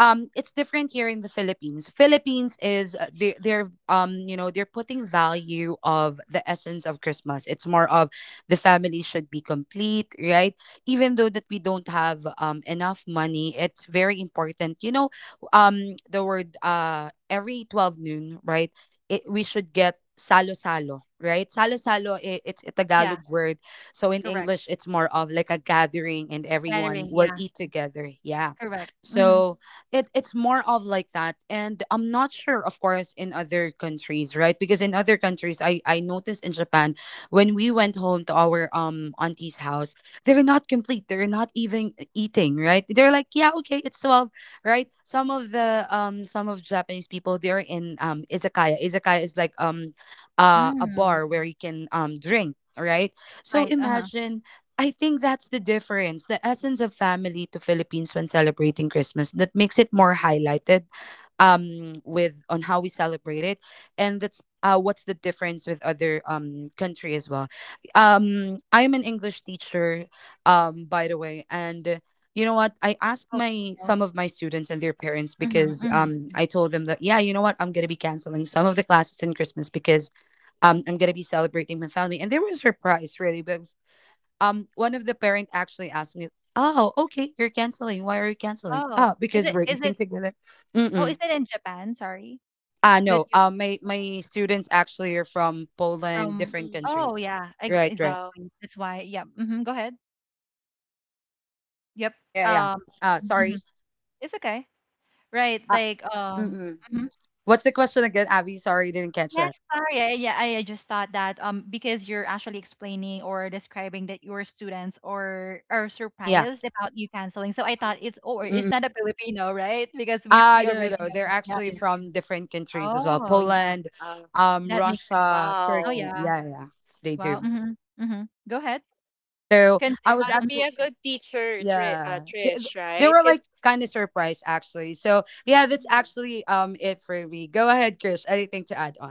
[SPEAKER 2] it's different here in the Philippines. Philippines is, they're, they're putting value of the essence of Christmas. It's more of, the family should be complete, right? Even though that we don't have enough money, it's very important. The word, every 12 noon, right, we should get salo salo, right? Salo salo, it's a
[SPEAKER 1] Yeah,
[SPEAKER 2] Tagalog word. So in
[SPEAKER 1] correct.
[SPEAKER 2] English, it's more of like a gathering, and everyone
[SPEAKER 1] Gathering.
[SPEAKER 2] will
[SPEAKER 1] Yeah,
[SPEAKER 2] eat together. Yeah.
[SPEAKER 1] correct.
[SPEAKER 2] So it's more of like that. And I'm not sure, of course, in other countries, right? Because in other countries, I noticed, in Japan, when we went home to our auntie's house, they're not complete. They're not even eating, right? They're like, yeah, okay, it's 12, right? Some of the some of Japanese people, they're in izakaya. Izakaya is like, a
[SPEAKER 1] Mm,
[SPEAKER 2] bar where you can drink, right? So
[SPEAKER 1] right, uh-huh.
[SPEAKER 2] imagine I think that's the difference, the essence of family to Philippines when celebrating Christmas that makes it more highlighted with on how we celebrate it, and that's what's the difference with other country as well. I'm an English teacher by the way. And you know what, I asked
[SPEAKER 1] Oh,
[SPEAKER 2] my
[SPEAKER 1] wow.
[SPEAKER 2] some of my students and their parents
[SPEAKER 1] Mhm,
[SPEAKER 2] because
[SPEAKER 1] mhm.
[SPEAKER 2] I told them that, yeah, you know what, I'm gonna be canceling some of the classes in Christmas because I'm gonna be celebrating my family, and they were surprised really. But one of the parent actually asked me, oh okay, you're canceling, why are you canceling?
[SPEAKER 1] Oh,
[SPEAKER 2] Ah,
[SPEAKER 1] is
[SPEAKER 2] because
[SPEAKER 1] it
[SPEAKER 2] we're eating together.
[SPEAKER 1] oh, is
[SPEAKER 2] Mm-mm.
[SPEAKER 1] it in Japan? Sorry,
[SPEAKER 2] Uh,
[SPEAKER 1] that
[SPEAKER 2] no,
[SPEAKER 1] you
[SPEAKER 2] uh, my my students actually are from Poland,
[SPEAKER 1] from
[SPEAKER 2] different
[SPEAKER 3] Mhm.
[SPEAKER 1] oh,
[SPEAKER 2] countries.
[SPEAKER 1] yeah, ex
[SPEAKER 2] Right, right.
[SPEAKER 3] um,
[SPEAKER 1] exactly. That's why. Yeah. Yep. Mhm, go ahead. Yep.
[SPEAKER 2] Yeah, yeah, yeah.
[SPEAKER 1] Um,
[SPEAKER 2] Sorry.
[SPEAKER 1] mhm. It's okay. Right,
[SPEAKER 2] Uh,
[SPEAKER 1] like
[SPEAKER 2] mm-mm.
[SPEAKER 1] mhm.
[SPEAKER 2] What's the question again, Abby? Sorry, didn't catch
[SPEAKER 1] Yes,
[SPEAKER 2] that.
[SPEAKER 1] sorry. Yeah, I just thought that because you're actually explaining or describing that your students or are
[SPEAKER 2] Yeah.
[SPEAKER 1] surprised about you canceling. So I thought
[SPEAKER 3] um,
[SPEAKER 1] it's oh,
[SPEAKER 2] Mm-mm.
[SPEAKER 1] it's not a Filipino, right? Because we
[SPEAKER 2] No,
[SPEAKER 1] already
[SPEAKER 2] no, no.
[SPEAKER 1] know
[SPEAKER 2] They're
[SPEAKER 1] that. Yeah,
[SPEAKER 2] actually
[SPEAKER 1] yeah.
[SPEAKER 2] from different countries as well.
[SPEAKER 1] Oh, yeah.
[SPEAKER 2] Poland,
[SPEAKER 3] uh,
[SPEAKER 1] That makes sense.
[SPEAKER 2] Russia,
[SPEAKER 1] Oh,
[SPEAKER 2] Turkey.
[SPEAKER 3] wow,
[SPEAKER 1] yeah.
[SPEAKER 2] Yeah, yeah, they
[SPEAKER 1] Wow.
[SPEAKER 2] do.
[SPEAKER 1] Mhm. Mhm. Go ahead.
[SPEAKER 2] So
[SPEAKER 3] it
[SPEAKER 2] I
[SPEAKER 1] Continue.
[SPEAKER 2] was
[SPEAKER 3] might
[SPEAKER 1] Mhm.
[SPEAKER 3] be
[SPEAKER 2] actually,
[SPEAKER 3] a good teacher,
[SPEAKER 2] yeah,
[SPEAKER 3] Trish,
[SPEAKER 2] they
[SPEAKER 3] right?
[SPEAKER 2] were
[SPEAKER 3] Because
[SPEAKER 2] like kind of surprised actually. So yeah, that's actually it for me. Go ahead, Chris. Anything to add on?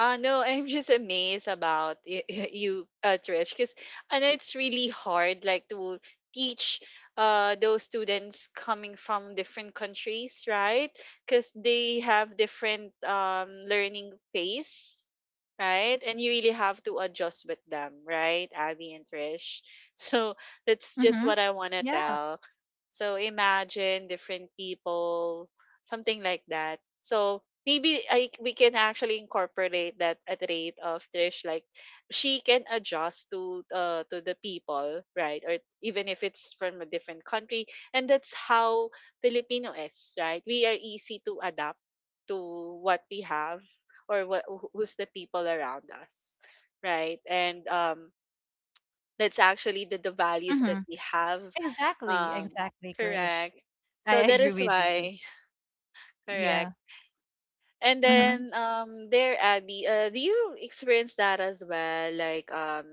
[SPEAKER 3] No, I'm just amazed about you, Trish, because I know it's really hard, like to teach those students coming from different countries, right? Because they have different learning pace, right? And you really have to adjust with them, right, Abby and Trish? So that's just
[SPEAKER 1] Mhm.
[SPEAKER 3] what I want to
[SPEAKER 1] Yeah.
[SPEAKER 3] tell. So imagine different people, something like that. So maybe I we can actually incorporate that at rate of Trish, like she can adjust to the people, right? Or even if it's from a different country, and that's how Filipino is, right? We are easy to adapt to what we have or what who's the people around us, right? And that's actually the values that
[SPEAKER 1] Mhm.
[SPEAKER 3] we have.
[SPEAKER 1] Exactly.
[SPEAKER 3] um
[SPEAKER 1] Exactly, Krish.
[SPEAKER 3] Correct.
[SPEAKER 1] I
[SPEAKER 3] So that
[SPEAKER 1] agree
[SPEAKER 3] is
[SPEAKER 1] with you.
[SPEAKER 3] why
[SPEAKER 1] Yeah.
[SPEAKER 3] correct. and
[SPEAKER 1] Mhm.
[SPEAKER 3] then um there, Abby, do you experience that as well?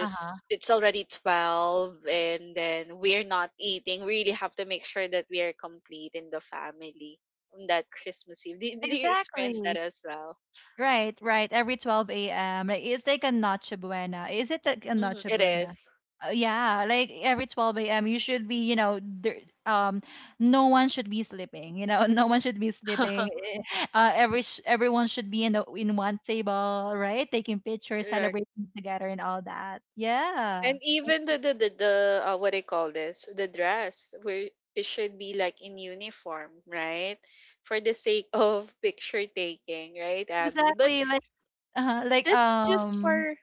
[SPEAKER 1] Uh-huh.
[SPEAKER 3] it's already 12 and then we're not eating. We really have to make sure that we are complete in the family on that Christmas Eve. Do you experience
[SPEAKER 1] Exactly.
[SPEAKER 3] that as well?
[SPEAKER 1] Right, right. Every 12 a.m. Like it's like a Noche Buena. Is it like a
[SPEAKER 3] Mhm,
[SPEAKER 1] Noche
[SPEAKER 3] it
[SPEAKER 1] Buena?
[SPEAKER 3] is.
[SPEAKER 1] Yeah, like every 12 a.m. you should be, you know, there, um, no one should be sleeping. You know, no one should be sleeping. Eh, everyone should be in in one table, right? Taking pictures,
[SPEAKER 3] Correct.
[SPEAKER 1] celebrating together, and all that. Yeah,
[SPEAKER 3] And even the what I call this? The dress where it should be like in uniform, right? For the sake of picture taking, right, Abby? But
[SPEAKER 1] exactly. Like
[SPEAKER 3] that's just for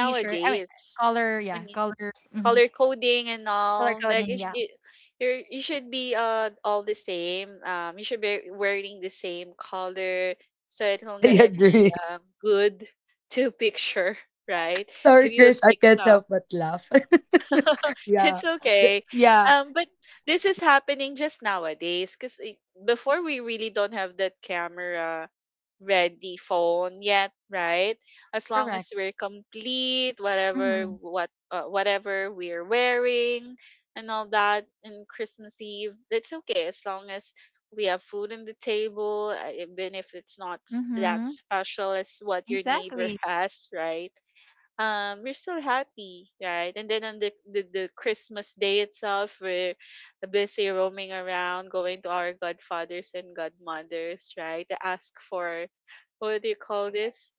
[SPEAKER 1] t-shirt. I mean, color.
[SPEAKER 3] I
[SPEAKER 1] Yeah,
[SPEAKER 3] mean,
[SPEAKER 1] color. Mm-hmm.
[SPEAKER 3] color coding and
[SPEAKER 1] Color
[SPEAKER 3] all. Like
[SPEAKER 1] coding.
[SPEAKER 3] it, sh-
[SPEAKER 1] Yeah,
[SPEAKER 3] it you should be all the same. You should be wearing the same color, so it's not
[SPEAKER 2] I
[SPEAKER 3] gonna be
[SPEAKER 2] agree.
[SPEAKER 3] good to picture, right?
[SPEAKER 2] Sorry,
[SPEAKER 3] If you will
[SPEAKER 2] Chris, I
[SPEAKER 3] take
[SPEAKER 2] can't
[SPEAKER 3] some.
[SPEAKER 2] help but laugh. Yeah,
[SPEAKER 3] It's okay.
[SPEAKER 2] yeah,
[SPEAKER 3] But this is happening just nowadays because before we really don't have that camera ready phone yet, right? As long
[SPEAKER 1] correct.
[SPEAKER 3] as we're complete, whatever
[SPEAKER 1] Mm-hmm.
[SPEAKER 3] what whatever we're wearing and all that, and Christmas Eve, it's okay as long as we have food on the table, even if it's not s- that
[SPEAKER 1] Mm-hmm.
[SPEAKER 3] special as what your neighbor
[SPEAKER 1] Exactly.
[SPEAKER 3] has, right? We're still happy, right? And then on the Christmas day itself, we're busy roaming around going to our godfathers and godmothers, right, to ask for what do you call this,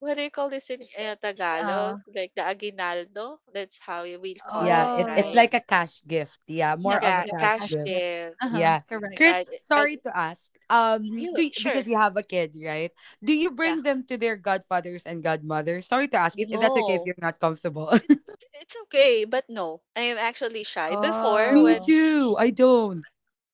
[SPEAKER 3] what do you call this in Tagalog,
[SPEAKER 1] Oh,
[SPEAKER 3] like the aguinaldo. That's how we call
[SPEAKER 2] yeah.
[SPEAKER 3] it,
[SPEAKER 2] It, it's
[SPEAKER 1] oh.
[SPEAKER 3] right?
[SPEAKER 2] like a cash gift. Yeah, more
[SPEAKER 1] Yep,
[SPEAKER 2] of a
[SPEAKER 3] Ga-
[SPEAKER 1] yep,
[SPEAKER 2] cash
[SPEAKER 1] cash
[SPEAKER 3] cash
[SPEAKER 2] gift.
[SPEAKER 1] gifts.
[SPEAKER 3] gifts,
[SPEAKER 1] Uh-huh,
[SPEAKER 2] Yeah,
[SPEAKER 1] correct.
[SPEAKER 2] Chris.
[SPEAKER 3] right. And
[SPEAKER 2] Sorry to ask.
[SPEAKER 3] you
[SPEAKER 2] Do
[SPEAKER 3] sure?
[SPEAKER 2] because you have a kid, right? Do you
[SPEAKER 3] Yeah.
[SPEAKER 2] bring them to their godfathers and godmothers? Sorry to ask. If that's okay, if
[SPEAKER 3] No.
[SPEAKER 2] you're not comfortable.
[SPEAKER 3] It, it's okay, but no. I am actually shy. Before
[SPEAKER 2] Me
[SPEAKER 3] when,
[SPEAKER 1] Oh,
[SPEAKER 2] too. I don't.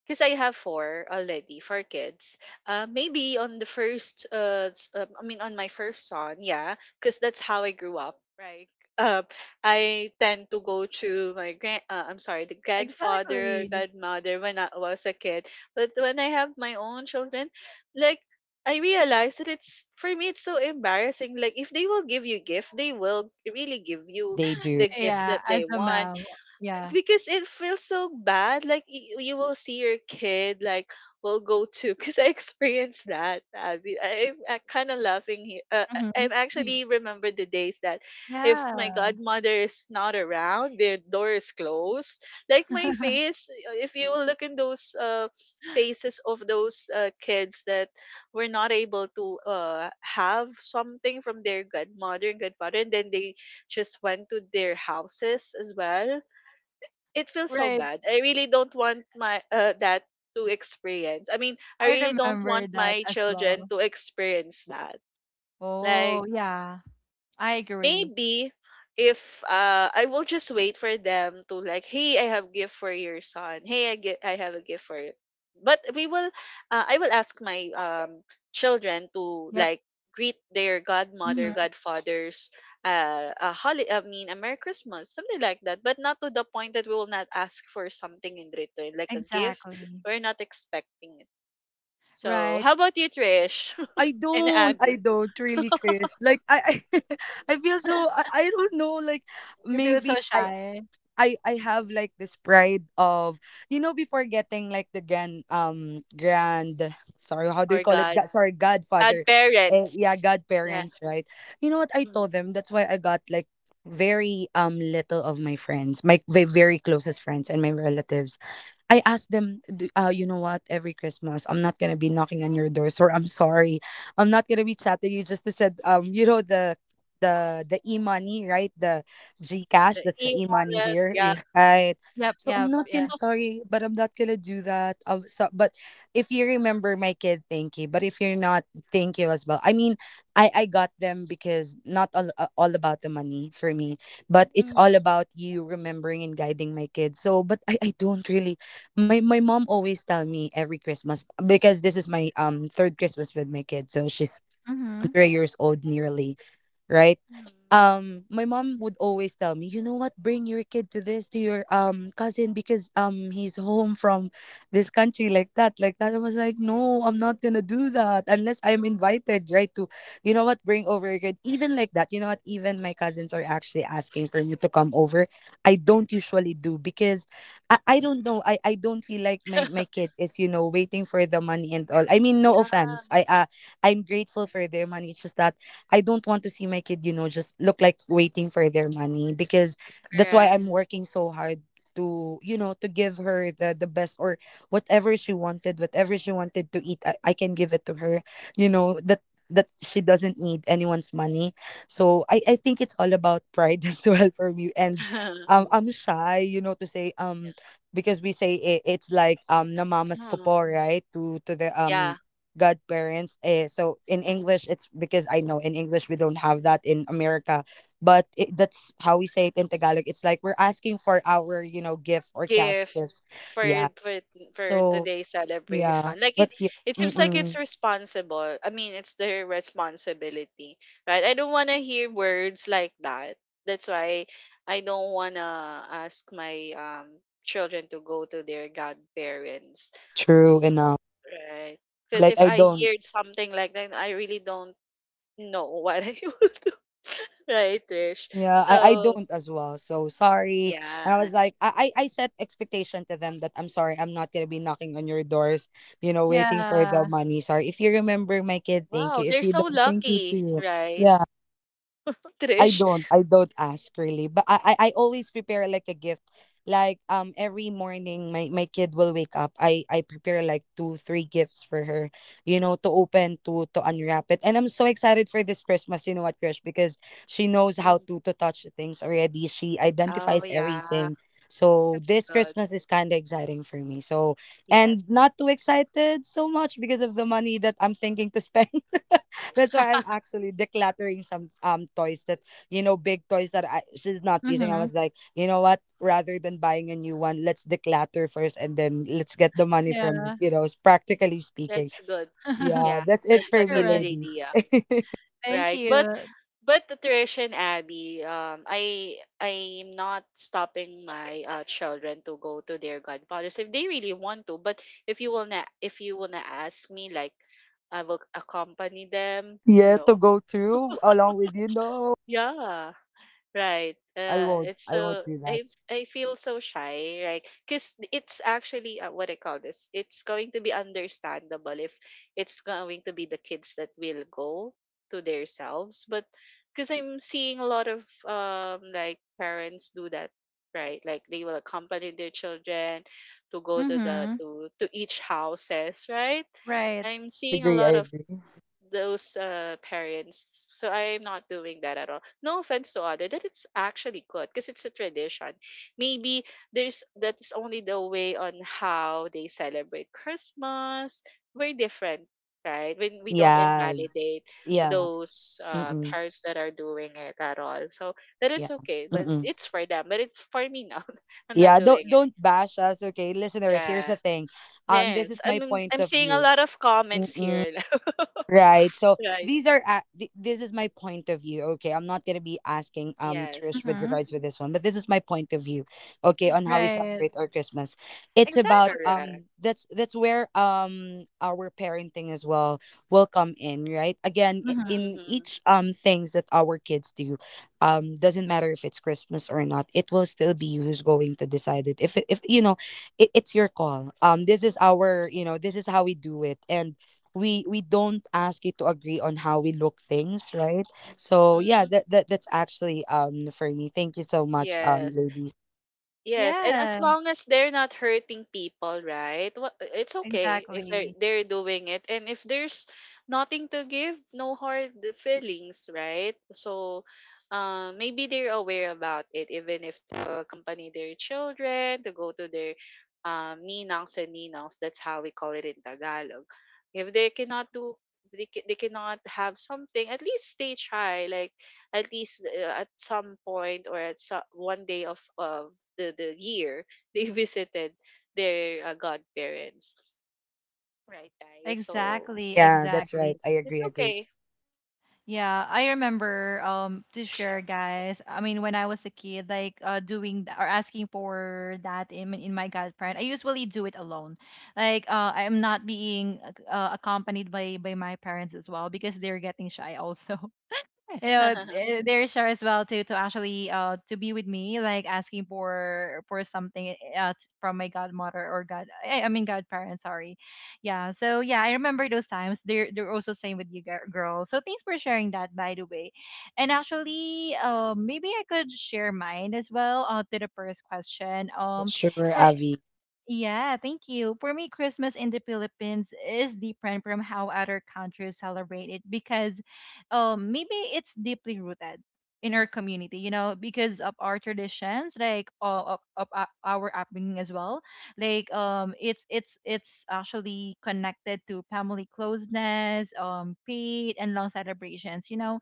[SPEAKER 3] because I have four already, four kids. Maybe on the first, s- I mean, on my first son, yeah, because that's how I grew up, right? Uh, I tend to go to my grand, I'm sorry, the grandfather,
[SPEAKER 1] exactly.
[SPEAKER 3] godmother when I was a kid. But when I have my own children, like, I realize that it's, for me, it's so embarrassing. Like, if they will give you gift, they will really give you
[SPEAKER 2] They do.
[SPEAKER 3] the gift
[SPEAKER 1] Yeah,
[SPEAKER 3] that they
[SPEAKER 1] as a
[SPEAKER 3] want
[SPEAKER 1] mom. Yeah.
[SPEAKER 3] because it feels so bad. Like you will see your kid like will go to because I experienced that, Abby. I, I'm kind of laughing here. I-
[SPEAKER 1] Mm-hmm.
[SPEAKER 3] I'm
[SPEAKER 1] mm-hmm,
[SPEAKER 3] actually remember the days that if my
[SPEAKER 1] Yeah.
[SPEAKER 3] godmother is not around, their door is closed. Like my face, if you will look in those faces of those kids that were not able to have something from their godmother and godfather, and then they just went to their houses as well, it feels so
[SPEAKER 1] Right.
[SPEAKER 3] bad. I really don't want my that to experience. I mean, I
[SPEAKER 1] I
[SPEAKER 3] really don't
[SPEAKER 1] remember
[SPEAKER 3] want
[SPEAKER 1] that
[SPEAKER 3] my
[SPEAKER 1] as
[SPEAKER 3] children
[SPEAKER 1] well.
[SPEAKER 3] to experience that. Like
[SPEAKER 1] Oh, yeah. I agree.
[SPEAKER 3] maybe if I will just wait for them to like, hey, I have gift for your son. Hey, I get I have a gift for you. But we will I will ask my children to
[SPEAKER 1] Yep.
[SPEAKER 3] like greet their godmother,
[SPEAKER 1] hmm
[SPEAKER 3] godfathers, a holiday, I mean, a Merry Christmas, something like that. But not to the point that we will not ask for something in return, like a gift.
[SPEAKER 1] Exactly.
[SPEAKER 3] We're not expecting it. So,
[SPEAKER 1] Right.
[SPEAKER 3] how about you, Trish,
[SPEAKER 2] I
[SPEAKER 3] and
[SPEAKER 2] don't. I
[SPEAKER 3] Abby,
[SPEAKER 2] don't really, Chris. Like I feel so. I don't know. Like
[SPEAKER 1] You feel so
[SPEAKER 2] maybe I.
[SPEAKER 1] shy.
[SPEAKER 2] I have like this pride of, you know, before getting like the grand grand, sorry, how do you
[SPEAKER 3] or
[SPEAKER 2] call it,
[SPEAKER 3] God,
[SPEAKER 2] God, sorry,
[SPEAKER 3] bad
[SPEAKER 2] godfather, yeah,
[SPEAKER 3] parents? Yeah.
[SPEAKER 2] godparents, right? You know what, I told
[SPEAKER 3] Mm-hmm.
[SPEAKER 2] them that's why I got like very little of my friends, my very closest friends and my relatives. I asked them, "D- you know what, every Christmas, I'm not going to be knocking on your doors, or I'm sorry, I'm not going to be chatting you just to said, you know, the the e-money, right? The Gcash,
[SPEAKER 3] The
[SPEAKER 2] that's the e-money
[SPEAKER 3] e-wallet,
[SPEAKER 2] here,"
[SPEAKER 3] yeah.
[SPEAKER 2] right?
[SPEAKER 1] Yep,
[SPEAKER 2] So I'm
[SPEAKER 1] yep,
[SPEAKER 2] not
[SPEAKER 1] yeah.
[SPEAKER 2] gonna, sorry, but I'm not gonna do that. So, but if you remember my kid, thank you. But if you're not, thank you as well. I mean, I got them because not all, all about the money for me, but it's all
[SPEAKER 3] Mhm,
[SPEAKER 2] about you remembering and guiding my kids. So, but I don't really. My mom always tell me every Christmas, because this is my third Christmas with my kids, so she's
[SPEAKER 1] Mm-hmm.
[SPEAKER 2] 3 years old nearly, right?
[SPEAKER 3] mhm.
[SPEAKER 2] My mom would always tell me, you know what, bring your kid to this, to your cousin because he's home from this country, like that, like that. I was like, no, I'm not gonna do that unless I'm invited, right? To, you know what, bring over your kid. Even like that, you know what, even my cousins are actually asking for me to come over. I don't usually do because I don't know. I don't feel like my kid is, you know, waiting for the money and all. I mean, no
[SPEAKER 3] Yeah,
[SPEAKER 2] offense. I I'm grateful for their money. It's just that I don't want to see my kid, you know, just look like waiting for their money, because that's why
[SPEAKER 3] correct.
[SPEAKER 2] I'm working so hard to, you know, to give her the best, or whatever she wanted to eat, I can give it to her. You know, that she doesn't need anyone's money. So I think it's all about pride as well for me. And I'm shy, you know, to say
[SPEAKER 3] Yeah.
[SPEAKER 2] because we say it, it's like namamas ko
[SPEAKER 3] Mm,
[SPEAKER 2] po, right? To the
[SPEAKER 3] yeah,
[SPEAKER 2] godparents. Eh, so in English, it's because I know in English we don't have that in America, but it, that's how we say it in Tagalog. It's like we're asking for our, you know, gift or cash
[SPEAKER 3] gift
[SPEAKER 2] gifts.
[SPEAKER 3] for
[SPEAKER 2] Yeah.
[SPEAKER 3] for for
[SPEAKER 2] So
[SPEAKER 3] today's
[SPEAKER 2] yeah,
[SPEAKER 3] celebration. Like it,
[SPEAKER 2] but yeah,
[SPEAKER 3] it seems like
[SPEAKER 2] mm-mm,
[SPEAKER 3] it's responsible. I mean, it's their responsibility, right? I don't want to hear words like that. That's why I don't want to ask my children to go to their godparents,
[SPEAKER 2] true enough.
[SPEAKER 3] right? Because
[SPEAKER 2] Like
[SPEAKER 3] if
[SPEAKER 2] I
[SPEAKER 3] I
[SPEAKER 2] don't.
[SPEAKER 3] heard something like that, I really don't know what I will do. Right, Trish?
[SPEAKER 2] Yeah, I
[SPEAKER 3] So,
[SPEAKER 2] don't as well. So sorry. And I
[SPEAKER 3] yeah.
[SPEAKER 2] was like, I set expectation to them that I'm sorry, I'm not gonna be knocking on your doors, you know, waiting for the
[SPEAKER 1] Yeah.
[SPEAKER 2] money. Sorry. If you remember my kid, thank
[SPEAKER 3] Wow,
[SPEAKER 2] you. If
[SPEAKER 3] they're
[SPEAKER 2] you
[SPEAKER 3] so
[SPEAKER 2] don't, thank you
[SPEAKER 3] lucky,
[SPEAKER 2] too.
[SPEAKER 3] right,
[SPEAKER 2] Yeah. I
[SPEAKER 3] Trish?
[SPEAKER 2] don't, I don't ask really, but I always prepare like a gift. Like every morning my my kid will wake up. I prepare like 2 3 gifts for her, you know, to open to unwrap it. And I'm so excited for this Christmas. You know what, Krish? Because she knows how
[SPEAKER 3] Mm,
[SPEAKER 2] to touch things already. She
[SPEAKER 3] oh,
[SPEAKER 2] identifies
[SPEAKER 3] yeah.
[SPEAKER 2] everything. So
[SPEAKER 3] That's
[SPEAKER 2] this
[SPEAKER 3] good.
[SPEAKER 2] Christmas is kind of exciting for me. So
[SPEAKER 3] Yes.
[SPEAKER 2] and not too excited so much because of the money that I'm thinking to spend. That's why I'm actually decluttering some toys that, you know, big toys that I, she's not using. I
[SPEAKER 1] Mm-hmm.
[SPEAKER 2] was like, you know what? Rather than buying a new one, let's declutter first, and then let's get the money from it.
[SPEAKER 1] Yeah.
[SPEAKER 2] You know, s- practically speaking.
[SPEAKER 3] That's good.
[SPEAKER 2] Yeah,
[SPEAKER 3] Yeah,
[SPEAKER 2] that's it
[SPEAKER 3] that's a
[SPEAKER 2] for me,
[SPEAKER 3] good
[SPEAKER 1] Correct.
[SPEAKER 2] ladies.
[SPEAKER 3] idea.
[SPEAKER 1] Thank
[SPEAKER 3] Right.
[SPEAKER 1] you.
[SPEAKER 3] But nutrition, Abby, I I'm not stopping my children to go to their godfathers if they really want to. But if you wanna ask me, like I will accompany them.
[SPEAKER 2] Yeah,
[SPEAKER 3] No.
[SPEAKER 2] to go through along with you. No,
[SPEAKER 3] Yeah. Right.
[SPEAKER 2] I won't.
[SPEAKER 3] It's
[SPEAKER 2] I won't
[SPEAKER 3] so
[SPEAKER 2] do that.
[SPEAKER 3] I feel so shy, right? Because it's actually what I call this. It's going to be understandable if it's going to be the kids that will go to themselves, but because I'm seeing a lot of like parents do that, right? Like they will accompany their children to go to the
[SPEAKER 1] Mm-hmm.
[SPEAKER 3] to each houses, right?
[SPEAKER 1] Right.
[SPEAKER 3] I'm
[SPEAKER 2] I
[SPEAKER 3] seeing a
[SPEAKER 2] agree.
[SPEAKER 3] lot
[SPEAKER 2] I
[SPEAKER 3] of
[SPEAKER 2] agree.
[SPEAKER 3] those parents. So I'm not doing that at all. No offense to other, that it's actually good because it's a tradition. Maybe there's that's only the way on how they celebrate Christmas. We're different, right? When we don't
[SPEAKER 2] Yes.
[SPEAKER 3] invalidate
[SPEAKER 2] Yeah.
[SPEAKER 3] those
[SPEAKER 2] Mm-mm.
[SPEAKER 3] parents that are doing it at all. So that
[SPEAKER 2] Yeah.
[SPEAKER 3] is okay, but
[SPEAKER 2] Mm-mm.
[SPEAKER 3] it's for them. But it's for me now. I'm not
[SPEAKER 2] Yeah.
[SPEAKER 3] doing it.
[SPEAKER 2] Don't bash us, okay, listeners. Here's the
[SPEAKER 3] Yes.
[SPEAKER 2] thing, this
[SPEAKER 3] Yes.
[SPEAKER 2] is my point
[SPEAKER 3] I'm
[SPEAKER 2] of
[SPEAKER 3] seeing a
[SPEAKER 2] view.
[SPEAKER 3] lot of comments
[SPEAKER 2] Mm-mm.
[SPEAKER 3] here.
[SPEAKER 2] Right. So
[SPEAKER 3] Right.
[SPEAKER 2] these are this is my point of view. Okay, I'm not gonna be asking Trish
[SPEAKER 3] Yes.
[SPEAKER 2] with
[SPEAKER 1] Mhm.
[SPEAKER 2] regards with this one, but this is my point of view. Okay, on how we
[SPEAKER 1] Right.
[SPEAKER 2] celebrate our Christmas. It's about
[SPEAKER 1] Exactly.
[SPEAKER 3] Correct.
[SPEAKER 2] that's where our parenting as well will come in. Right. Again,
[SPEAKER 1] Mhm.
[SPEAKER 2] in
[SPEAKER 3] Mm-hmm.
[SPEAKER 2] each things that our kids do, doesn't matter if it's Christmas or not. It will still be you who's going to decide it. If you know, it, it's your call. This is our, you know, this is how we do it, and we don't ask you to agree on how we look things, right? So yeah,
[SPEAKER 3] Hmm.
[SPEAKER 2] that, that that's actually for me. Thank you so much,
[SPEAKER 3] Yes.
[SPEAKER 2] ladies.
[SPEAKER 3] Yes. And as
[SPEAKER 1] Yeah.
[SPEAKER 3] long as they're not hurting people, right? wha- It's okay if they're,
[SPEAKER 1] Exactly.
[SPEAKER 3] they're doing it. And if there's nothing to give, no hard feelings, right? So maybe they're aware about it, even if they accompany their children to go to their ninangs and ninangs. That's how we call it in Tagalog. If they cannot do, they, ca- they cannot have something, at least they try. Like, at least at some point or at some, one day of the year they visited their godparents, right, guys? So
[SPEAKER 1] Exactly.
[SPEAKER 2] Yeah, that's right,
[SPEAKER 1] Exactly.
[SPEAKER 2] I
[SPEAKER 3] it's
[SPEAKER 2] agree, agree.
[SPEAKER 3] okay.
[SPEAKER 1] Yeah. I remember to share, guys. I mean, when I was a kid, like doing th- or asking for that in my godparent, I usually do it alone. Like I am not being accompanied by my parents as well because they're getting shy also. They're sure as well to actually to be with me like asking for something from my godmother or I mean godparents, sorry. Yeah, so yeah, I remember those times. They're also same with you girls, so thanks for sharing that, by the way. And actually, maybe I could share mine as well, to the first question.
[SPEAKER 2] Sure,
[SPEAKER 1] For
[SPEAKER 2] Avi.
[SPEAKER 1] yeah, thank you. For me, Christmas in the Philippines is different from how other countries celebrate it because maybe it's deeply rooted in our community, you know, because of our traditions, like of our upbringing as well. Like it's actually connected to family closeness, faith, and long celebrations. You know,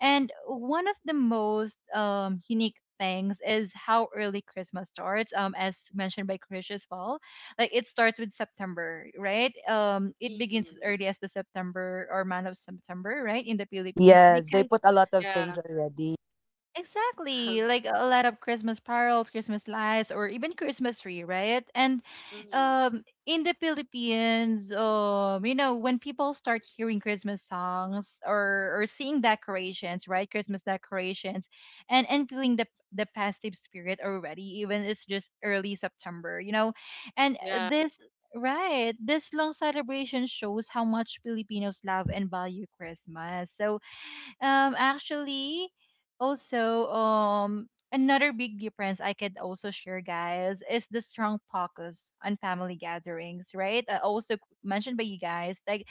[SPEAKER 1] and one of the most unique things is how early Christmas starts, as mentioned by Krish as well. Like it starts with September, right? It begins as
[SPEAKER 3] Mm-hmm.
[SPEAKER 1] early as the September or month of September, right, in the Philippines
[SPEAKER 2] Yes, they
[SPEAKER 1] because
[SPEAKER 2] put a lot of
[SPEAKER 3] Yeah.
[SPEAKER 2] things already.
[SPEAKER 1] exactly, like a lot of Christmas carols, Christmas lights, or even Christmas tree, right? And
[SPEAKER 3] Hmm.
[SPEAKER 1] in the Philippines, you know, when people start hearing Christmas songs or seeing decorations, right, Christmas decorations, and feeling the festive spirit already, even it's just early September, you know, and
[SPEAKER 3] Yeah,
[SPEAKER 1] this. Right. This long celebration shows how much Filipinos love and value Christmas. So, actually, also, another big difference I could also share, guys, is the strong focus on family gatherings, right? I also mentioned by you guys, like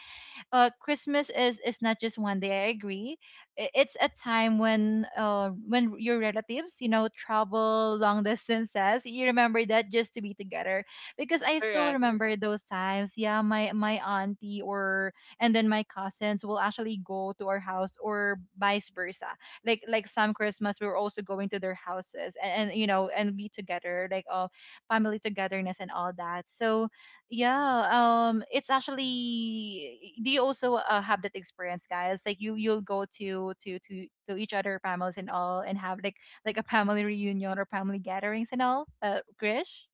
[SPEAKER 1] Christmas is not just one day. I agree. It's a time when your relatives, you know, travel long distances. You remember that just to be together. Because I still
[SPEAKER 3] correct.
[SPEAKER 1] remember those times. Yeah, my auntie or and then my cousins will actually go to our house or vice versa. Like some Christmas, we were also going to their houses and you know and be together, like family togetherness and all that. So yeah, it's actually. Do you also have that experience, guys? Like you, you'll go to each other families and all, and have like a family reunion or family gatherings and all. Krish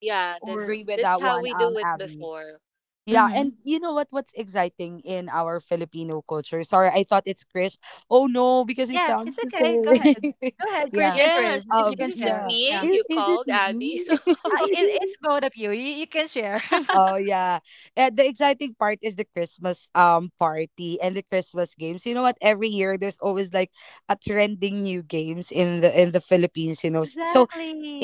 [SPEAKER 3] Yeah,
[SPEAKER 2] Yeah, I
[SPEAKER 1] or
[SPEAKER 2] agree with
[SPEAKER 3] that's
[SPEAKER 2] that
[SPEAKER 3] how
[SPEAKER 2] one,
[SPEAKER 3] we do it
[SPEAKER 2] Avi.
[SPEAKER 3] before.
[SPEAKER 2] Yeah,
[SPEAKER 1] mm-hmm.
[SPEAKER 2] and you know what, what's exciting in our Filipino culture, sorry, I thought it's Chris. Oh no, because it
[SPEAKER 1] Yeah, it's
[SPEAKER 2] sounds the
[SPEAKER 1] okay.
[SPEAKER 2] same.
[SPEAKER 1] Go ahead, Krish
[SPEAKER 2] Yeah.
[SPEAKER 1] and
[SPEAKER 3] Yes,
[SPEAKER 1] Trish. You can
[SPEAKER 3] is it
[SPEAKER 1] share.
[SPEAKER 2] Yeah.
[SPEAKER 3] me
[SPEAKER 1] Yeah,
[SPEAKER 2] I-
[SPEAKER 3] you
[SPEAKER 2] is it
[SPEAKER 3] called, Abby?
[SPEAKER 2] me?
[SPEAKER 1] it's both of you. You can share.
[SPEAKER 2] Oh yeah. And the exciting part is the Christmas party and the Christmas games. You know what? Every year there's always like a trending new games in the Philippines, you know. S- so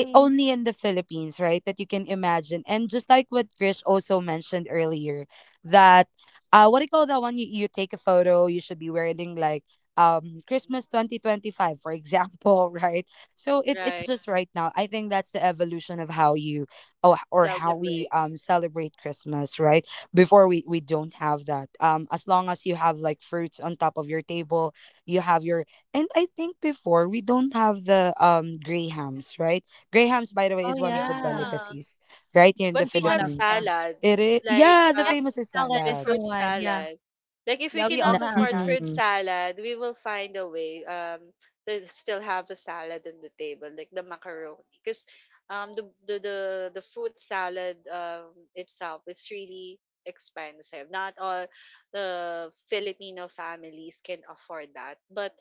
[SPEAKER 2] I- only in the Philippines, right? That you can imagine. And just like what Grish also mentioned earlier, that, what do you call that one? You take a photo, you should be wearing like Christmas 2025, for example, right? So it, it's
[SPEAKER 3] Right.
[SPEAKER 2] just right now. I think that's the evolution of how you, or how we
[SPEAKER 3] Celebrate.
[SPEAKER 2] celebrate Christmas, right? Before we don't have that. As long as you have like fruits on top of your table, you have your, and I think before we don't have the grahams, right? Grahams, by the way,
[SPEAKER 1] Oh
[SPEAKER 2] is one of the
[SPEAKER 1] yeah,
[SPEAKER 3] Yeah.
[SPEAKER 2] delicacies right here in
[SPEAKER 3] But
[SPEAKER 2] the
[SPEAKER 1] it's
[SPEAKER 3] we
[SPEAKER 1] one
[SPEAKER 3] have
[SPEAKER 1] of
[SPEAKER 2] Philippines.
[SPEAKER 1] yeah.
[SPEAKER 3] salad.
[SPEAKER 2] It is,
[SPEAKER 3] Like
[SPEAKER 2] yeah, the
[SPEAKER 1] Yeah,
[SPEAKER 2] famous is
[SPEAKER 1] salad
[SPEAKER 3] the
[SPEAKER 1] is
[SPEAKER 2] salad.
[SPEAKER 1] the
[SPEAKER 3] fruit
[SPEAKER 1] one. Yeah,
[SPEAKER 3] salad. Like if we
[SPEAKER 1] yeah. We all
[SPEAKER 2] Na,
[SPEAKER 3] cannot
[SPEAKER 1] have
[SPEAKER 3] afford
[SPEAKER 1] that.
[SPEAKER 3] fruit
[SPEAKER 2] mm-mm.
[SPEAKER 3] salad, we will find a way to still have the salad on the table, like the macaroni. Because um the, the the the fruit salad itself is really expensive. Not all the Filipino families can afford that. But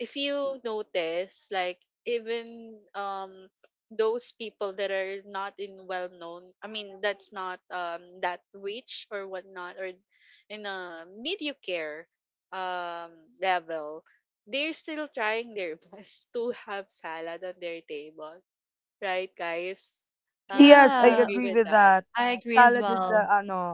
[SPEAKER 3] if you notice, like even those people that are not in well known, I mean that's not that rich or whatnot, or in a mediocre um level, they're still trying their best to have salad on their table, right, guys?
[SPEAKER 2] Yes, I
[SPEAKER 3] You
[SPEAKER 1] Yeah.
[SPEAKER 3] agree
[SPEAKER 2] agree
[SPEAKER 3] with
[SPEAKER 2] with
[SPEAKER 3] that,
[SPEAKER 2] that.
[SPEAKER 1] I agree as
[SPEAKER 2] Salad is
[SPEAKER 1] well.
[SPEAKER 2] the, ano,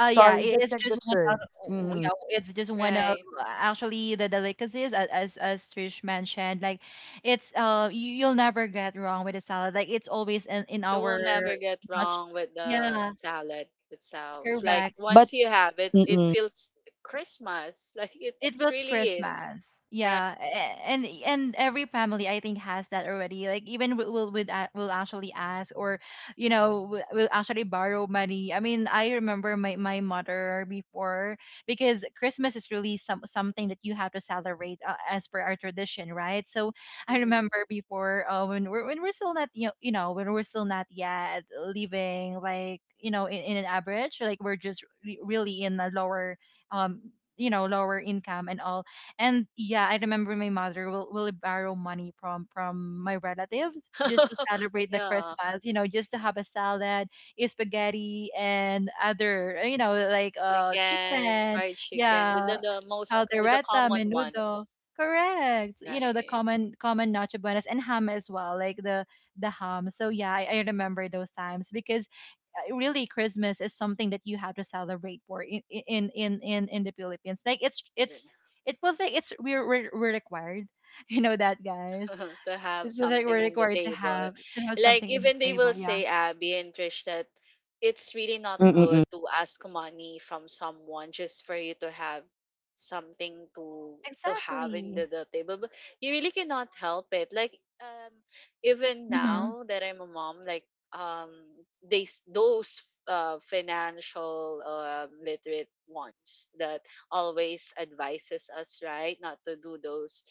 [SPEAKER 1] Yeah,
[SPEAKER 2] sorry,
[SPEAKER 1] it
[SPEAKER 2] the
[SPEAKER 1] is just one of
[SPEAKER 2] signature. Mm-mm.
[SPEAKER 1] yeah, it's just one of
[SPEAKER 3] right?
[SPEAKER 1] actually the delicacies as Trish mentioned. Like, it's you, you'll never get wrong with a salad. Like it's always in
[SPEAKER 3] You will
[SPEAKER 1] our
[SPEAKER 3] never get
[SPEAKER 1] much.
[SPEAKER 3] wrong with the
[SPEAKER 1] Yeah,
[SPEAKER 3] salad itself. Like
[SPEAKER 1] correct.
[SPEAKER 2] But,
[SPEAKER 3] once you have it, it
[SPEAKER 2] mm-mm.
[SPEAKER 3] feels Christmas, like it
[SPEAKER 1] It was
[SPEAKER 3] really is,
[SPEAKER 1] Christmas.
[SPEAKER 3] right?
[SPEAKER 1] Yeah, and every family I think has that already. Like even will would will actually ask or you know we will actually borrow money. I mean, I remember my mother before because Christmas is really some something that you have to celebrate as per our tradition, right? So I
[SPEAKER 3] Mm.
[SPEAKER 1] remember before when we're still not you know, you know when we're still not yet living like you know in an average like we're just really in a lower um you know lower income and all and yeah I remember my mother will borrow money from my relatives just to celebrate the
[SPEAKER 3] Yeah,
[SPEAKER 1] Christmas you know just to have a salad spaghetti and other you know like
[SPEAKER 3] chicken,
[SPEAKER 1] chicken.
[SPEAKER 3] fried chicken,
[SPEAKER 1] Yeah,
[SPEAKER 3] the most the
[SPEAKER 1] caldereta,
[SPEAKER 3] common ones,
[SPEAKER 1] menudo, correct, you know the
[SPEAKER 3] right?
[SPEAKER 1] common common noche buenas and ham as well, like the ham. So yeah, I remember those times because really Christmas is something that you have to celebrate for in in the Philippines. Like it's it feels like it's we're required, you know that, guys.
[SPEAKER 3] to have
[SPEAKER 1] It feels like we're
[SPEAKER 3] something in the
[SPEAKER 1] required
[SPEAKER 3] table.
[SPEAKER 1] to have
[SPEAKER 3] Like
[SPEAKER 1] something in the
[SPEAKER 3] even they will
[SPEAKER 1] table. Yeah,
[SPEAKER 3] say, Abby and Trish, that it's really not
[SPEAKER 2] Mm-mm-mm.
[SPEAKER 3] good to ask money from someone just for you to have something to have in
[SPEAKER 1] exactly.
[SPEAKER 3] the table. But you really cannot help it. Like even
[SPEAKER 1] Mhm.
[SPEAKER 3] now that I'm a mom, like um they s- those financial literate ones that always advises us, right, not to do those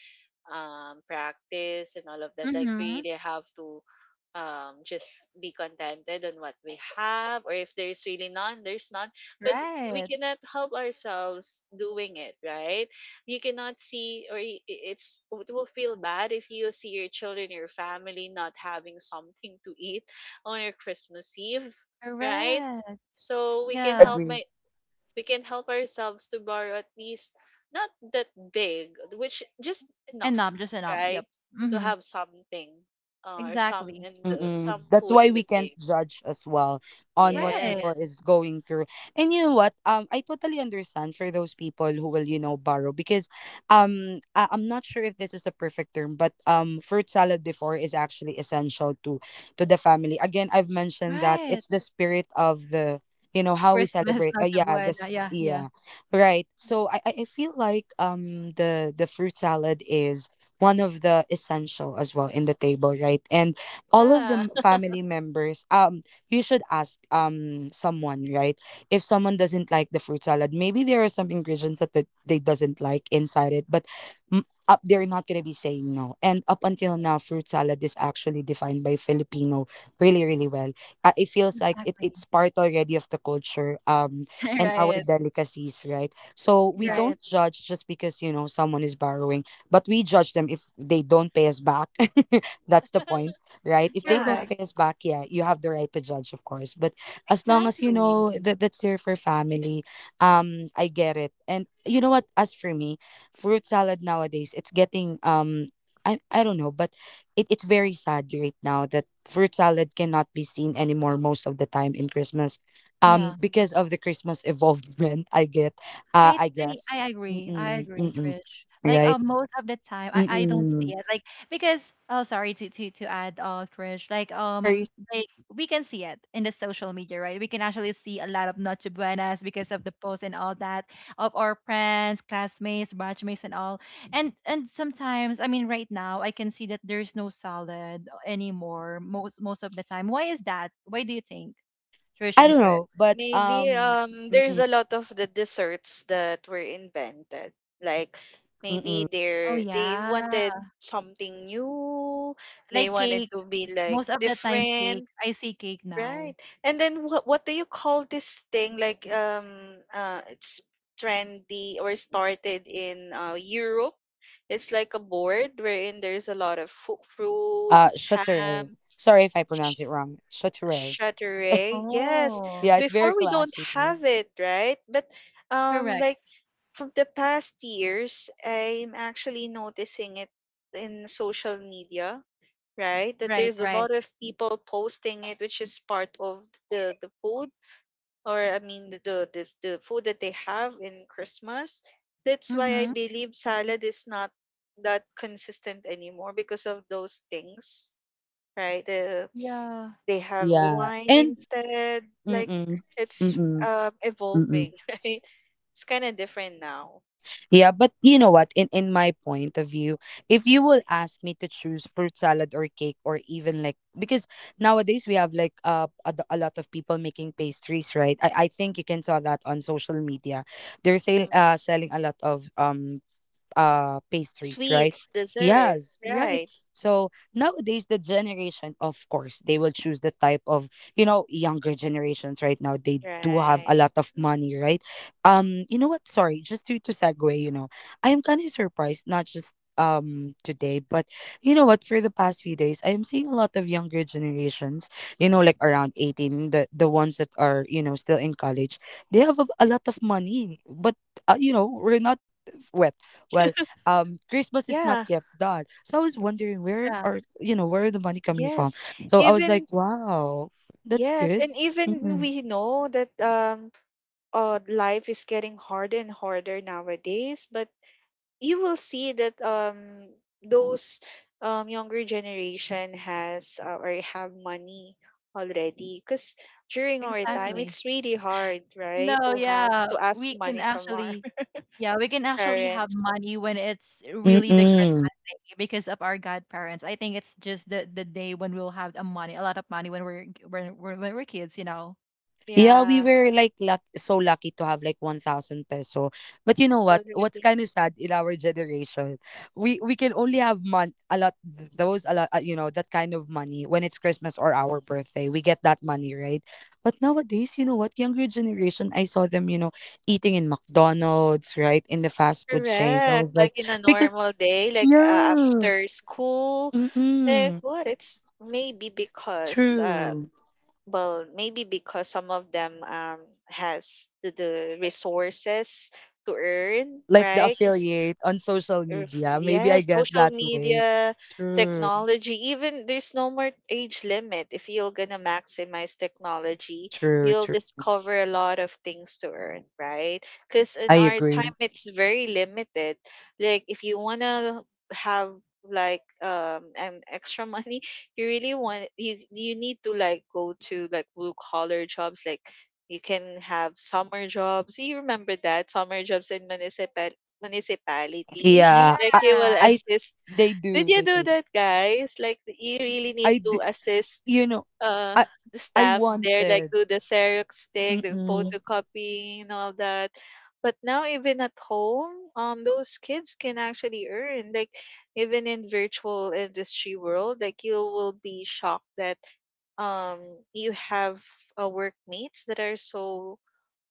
[SPEAKER 3] practice and all of that. Like we
[SPEAKER 1] Mhm.
[SPEAKER 3] really have to just be contented on what we have, or if there's really none, there's none. But we
[SPEAKER 1] Right.
[SPEAKER 3] cannot help ourselves doing it, right? You cannot see, or I- it's it will feel bad if you see your children, your family not having something to eat on your Christmas Eve, right?
[SPEAKER 1] Correct.
[SPEAKER 3] So we
[SPEAKER 2] Agree,
[SPEAKER 3] can
[SPEAKER 1] Yeah.
[SPEAKER 3] help
[SPEAKER 2] agree.
[SPEAKER 3] my we can help ourselves to borrow at least not that big, which just
[SPEAKER 1] And
[SPEAKER 3] enough,
[SPEAKER 1] knob, just a knob. Yep.
[SPEAKER 3] right? To
[SPEAKER 1] Mhm.
[SPEAKER 3] have something or some
[SPEAKER 1] Exactly.
[SPEAKER 3] in the
[SPEAKER 2] Mm-mm.
[SPEAKER 3] some
[SPEAKER 2] That's
[SPEAKER 3] food
[SPEAKER 2] why
[SPEAKER 3] in the
[SPEAKER 2] we can't
[SPEAKER 3] table.
[SPEAKER 2] judge as well on what
[SPEAKER 1] Right.
[SPEAKER 2] people
[SPEAKER 3] Yes.
[SPEAKER 2] is going through. And you know what? I totally understand for those people who will, you know, borrow because, I'm not sure if this is the perfect term, but fruit salad before is actually essential to the family. Again, I've mentioned that
[SPEAKER 1] Right.
[SPEAKER 2] it's the spirit of the, you know, how we
[SPEAKER 1] Christmas,
[SPEAKER 2] celebrate.
[SPEAKER 1] Noche
[SPEAKER 2] Yeah,
[SPEAKER 1] Buena.
[SPEAKER 2] this,
[SPEAKER 1] Yeah. Yeah.
[SPEAKER 2] yeah, right. So I I feel like the fruit salad is one of the essential as well in the table, right? And all of the
[SPEAKER 3] Yeah.
[SPEAKER 2] m- family members you should ask someone, right? If someone doesn't like the fruit salad, maybe there are some ingredients that, that they doesn't like inside it, but, mm, up they're not going to be saying no. And up until now fruit salad is actually defined by Filipino really really well. It feels like it, it's
[SPEAKER 1] Exactly.
[SPEAKER 2] part already of the culture, and our
[SPEAKER 1] right.
[SPEAKER 2] delicacies, right? So we
[SPEAKER 3] Yeah.
[SPEAKER 1] Right.
[SPEAKER 2] don't judge just because, you know, someone is borrowing, but we judge them if they don't pay us back. That's the point, right? If they
[SPEAKER 3] Yeah.
[SPEAKER 2] don't
[SPEAKER 1] Correct.
[SPEAKER 2] pay us back, yeah, you have the right to judge, of course. But as long as you
[SPEAKER 1] Exactly.
[SPEAKER 2] know that that's there for family, I get it. And you know what? As for me, fruit salad nowadays, it's getting I don't know, but it's very sad right now that fruit salad cannot be seen anymore most of the time in Christmas,
[SPEAKER 1] Yeah,
[SPEAKER 2] because of the Christmas evolvement. I guess,
[SPEAKER 1] I agree. I
[SPEAKER 2] mm-mm,
[SPEAKER 1] agree,
[SPEAKER 2] mm-mm,
[SPEAKER 1] Trish. Like
[SPEAKER 2] right?
[SPEAKER 1] most of the time, I don't see
[SPEAKER 2] Mm-mm.
[SPEAKER 1] it. Like because oh, sorry to add, Trish.
[SPEAKER 2] No worries.
[SPEAKER 1] Like we can see it in the social media, right? We can actually see a lot of Noche Buenas because of the posts and all that of our friends, classmates, batchmates, and all. And sometimes, I mean, right now, I can see that there's no salad anymore. Most of the time, why is that? Why do you think, Trish
[SPEAKER 2] I
[SPEAKER 1] and
[SPEAKER 2] don't
[SPEAKER 1] Chris?
[SPEAKER 2] know, but
[SPEAKER 3] Maybe
[SPEAKER 2] um.
[SPEAKER 3] there's
[SPEAKER 2] Mm-mm.
[SPEAKER 3] a lot of the desserts that were invented. Like
[SPEAKER 2] Mm-mm.
[SPEAKER 3] maybe
[SPEAKER 1] Oh
[SPEAKER 3] they
[SPEAKER 1] yeah,
[SPEAKER 3] wanted something new. They
[SPEAKER 1] like
[SPEAKER 3] wanted
[SPEAKER 1] cake.
[SPEAKER 3] to be like
[SPEAKER 1] Most of the time cake.
[SPEAKER 3] different.
[SPEAKER 1] I see cake
[SPEAKER 3] Right.
[SPEAKER 1] now.
[SPEAKER 3] And then what do you call this thing? Like it's trendy or started in Europe. It's like a board wherein there's a lot of fu- fruits,
[SPEAKER 2] Chateauray.
[SPEAKER 3] ham,
[SPEAKER 2] Sorry if I
[SPEAKER 3] sh-
[SPEAKER 2] pronounce it wrong. Chateauray.
[SPEAKER 3] charcuterie. Yes.
[SPEAKER 1] Oh,
[SPEAKER 2] Yeah, it's very
[SPEAKER 3] Before we don't
[SPEAKER 2] classy.
[SPEAKER 3] have it, right? But
[SPEAKER 1] correct.
[SPEAKER 3] like from the past years, I'm actually noticing it in social media, right? That
[SPEAKER 1] Right,
[SPEAKER 3] there's a
[SPEAKER 1] right.
[SPEAKER 3] lot of people posting it, which is part of the food, or I mean the food that they have in Christmas. That's why I
[SPEAKER 1] Mm-hmm.
[SPEAKER 3] believe salad is not that consistent anymore because of those things, right? The,
[SPEAKER 1] Yeah,
[SPEAKER 3] they have
[SPEAKER 2] Yeah,
[SPEAKER 3] wine
[SPEAKER 2] and
[SPEAKER 3] instead. Like
[SPEAKER 2] mm-mm,
[SPEAKER 3] it's
[SPEAKER 2] mm-mm, mm-mm.
[SPEAKER 3] evolving, right? It's kind of different now.
[SPEAKER 2] Yeah, but you know what? In my point of view, if you will ask me to choose fruit salad or cake, or even like, because nowadays we have like a lot of people making pastries, right? I think you can saw that on social media. They're
[SPEAKER 3] Mm-hmm.
[SPEAKER 2] selling a lot of pastries, right?
[SPEAKER 3] Sweets, desserts,
[SPEAKER 2] Yes, right.
[SPEAKER 3] right,
[SPEAKER 2] So nowadays the generation, of course they will choose the type of, you know, younger generations right now, they do have a
[SPEAKER 3] right.
[SPEAKER 2] lot of money, right? You know what, sorry, just to segue, you know, I am kind of surprised, not just today, but you know what, for the past few days I am seeing a lot of younger generations, you know, like around 18, the ones that are, you know, still in college. They have a lot of money, but you know, we're not wet, well, Christmas is not
[SPEAKER 3] Yeah,
[SPEAKER 2] yet done. So I was wondering, where
[SPEAKER 1] yeah,
[SPEAKER 2] are, you know, where are the money coming from?
[SPEAKER 3] yes.
[SPEAKER 2] So I was like,
[SPEAKER 3] Even
[SPEAKER 2] wow, that's
[SPEAKER 3] yes,
[SPEAKER 2] good.
[SPEAKER 3] and even
[SPEAKER 2] Mm-mm.
[SPEAKER 3] we know that life is getting harder and harder nowadays, but you will see that those younger generation has or have money already because during our time
[SPEAKER 1] exactly.
[SPEAKER 3] it's really hard, right,
[SPEAKER 1] No,
[SPEAKER 3] to have
[SPEAKER 1] yeah,
[SPEAKER 3] to ask
[SPEAKER 1] we can
[SPEAKER 3] money from our
[SPEAKER 1] actually, yeah, we can actually have
[SPEAKER 3] parents.
[SPEAKER 1] money when it's really the
[SPEAKER 2] Mm-mm.
[SPEAKER 1] Christmas day because of our godparents. I think it's just the day when we'll have a money, a lot of money when we're when we're kids, you know.
[SPEAKER 2] Yeah, we
[SPEAKER 3] Yeah,
[SPEAKER 2] were like so lucky to have like 1,000 peso. But you know what? What's
[SPEAKER 3] already.
[SPEAKER 2] kind of sad in our generation, we can only have a lot, you know, that kind of money when it's Christmas or our birthday. We get that money, right? But nowadays, you know what? Younger generation, I saw them, you know, eating in McDonald's, right? In the fast food chains. I
[SPEAKER 3] Correct,
[SPEAKER 2] was like,
[SPEAKER 3] like in a
[SPEAKER 2] because
[SPEAKER 3] normal day, like,
[SPEAKER 2] yeah.
[SPEAKER 3] after school, like
[SPEAKER 2] Mm-mm,
[SPEAKER 3] what, it's maybe because,
[SPEAKER 2] true.
[SPEAKER 3] well, maybe because some of them, has the resources to earn,
[SPEAKER 2] Like the
[SPEAKER 3] right?
[SPEAKER 2] affiliate on social
[SPEAKER 3] Or f-
[SPEAKER 2] media. Maybe I
[SPEAKER 3] Yes,
[SPEAKER 2] guess
[SPEAKER 3] social
[SPEAKER 2] that way.
[SPEAKER 3] media,
[SPEAKER 2] True,
[SPEAKER 3] technology, even there's no more age limit. If you're gonna maximize technology,
[SPEAKER 2] true,
[SPEAKER 3] you'll
[SPEAKER 2] true.
[SPEAKER 3] discover a lot of things to earn, right? Because
[SPEAKER 2] I
[SPEAKER 3] in our
[SPEAKER 2] agree.
[SPEAKER 3] time, it's very limited. Like if you wanna have like an extra money, you really want you you need to like go to like blue collar jobs, like you can have summer jobs. You remember that summer jobs in municipal municipality,
[SPEAKER 2] Yeah,
[SPEAKER 3] like
[SPEAKER 2] I,
[SPEAKER 3] you
[SPEAKER 1] Yeah,
[SPEAKER 3] will
[SPEAKER 2] I
[SPEAKER 3] assist.
[SPEAKER 2] they
[SPEAKER 3] Did
[SPEAKER 2] do,
[SPEAKER 3] you
[SPEAKER 2] they
[SPEAKER 3] do
[SPEAKER 2] do.
[SPEAKER 3] that, guys? Like you really need
[SPEAKER 2] I,
[SPEAKER 3] to
[SPEAKER 2] d-
[SPEAKER 3] assist
[SPEAKER 2] you know,
[SPEAKER 3] uh
[SPEAKER 2] I,
[SPEAKER 3] the
[SPEAKER 2] I
[SPEAKER 3] staffs there, like
[SPEAKER 2] wanted.
[SPEAKER 3] do the Xerox thing, the
[SPEAKER 2] Mm-mm.
[SPEAKER 3] photocopying and all that. But now even at home, those kids can actually earn. Like even in virtual industry world, like you will be shocked that um you have workmates that are so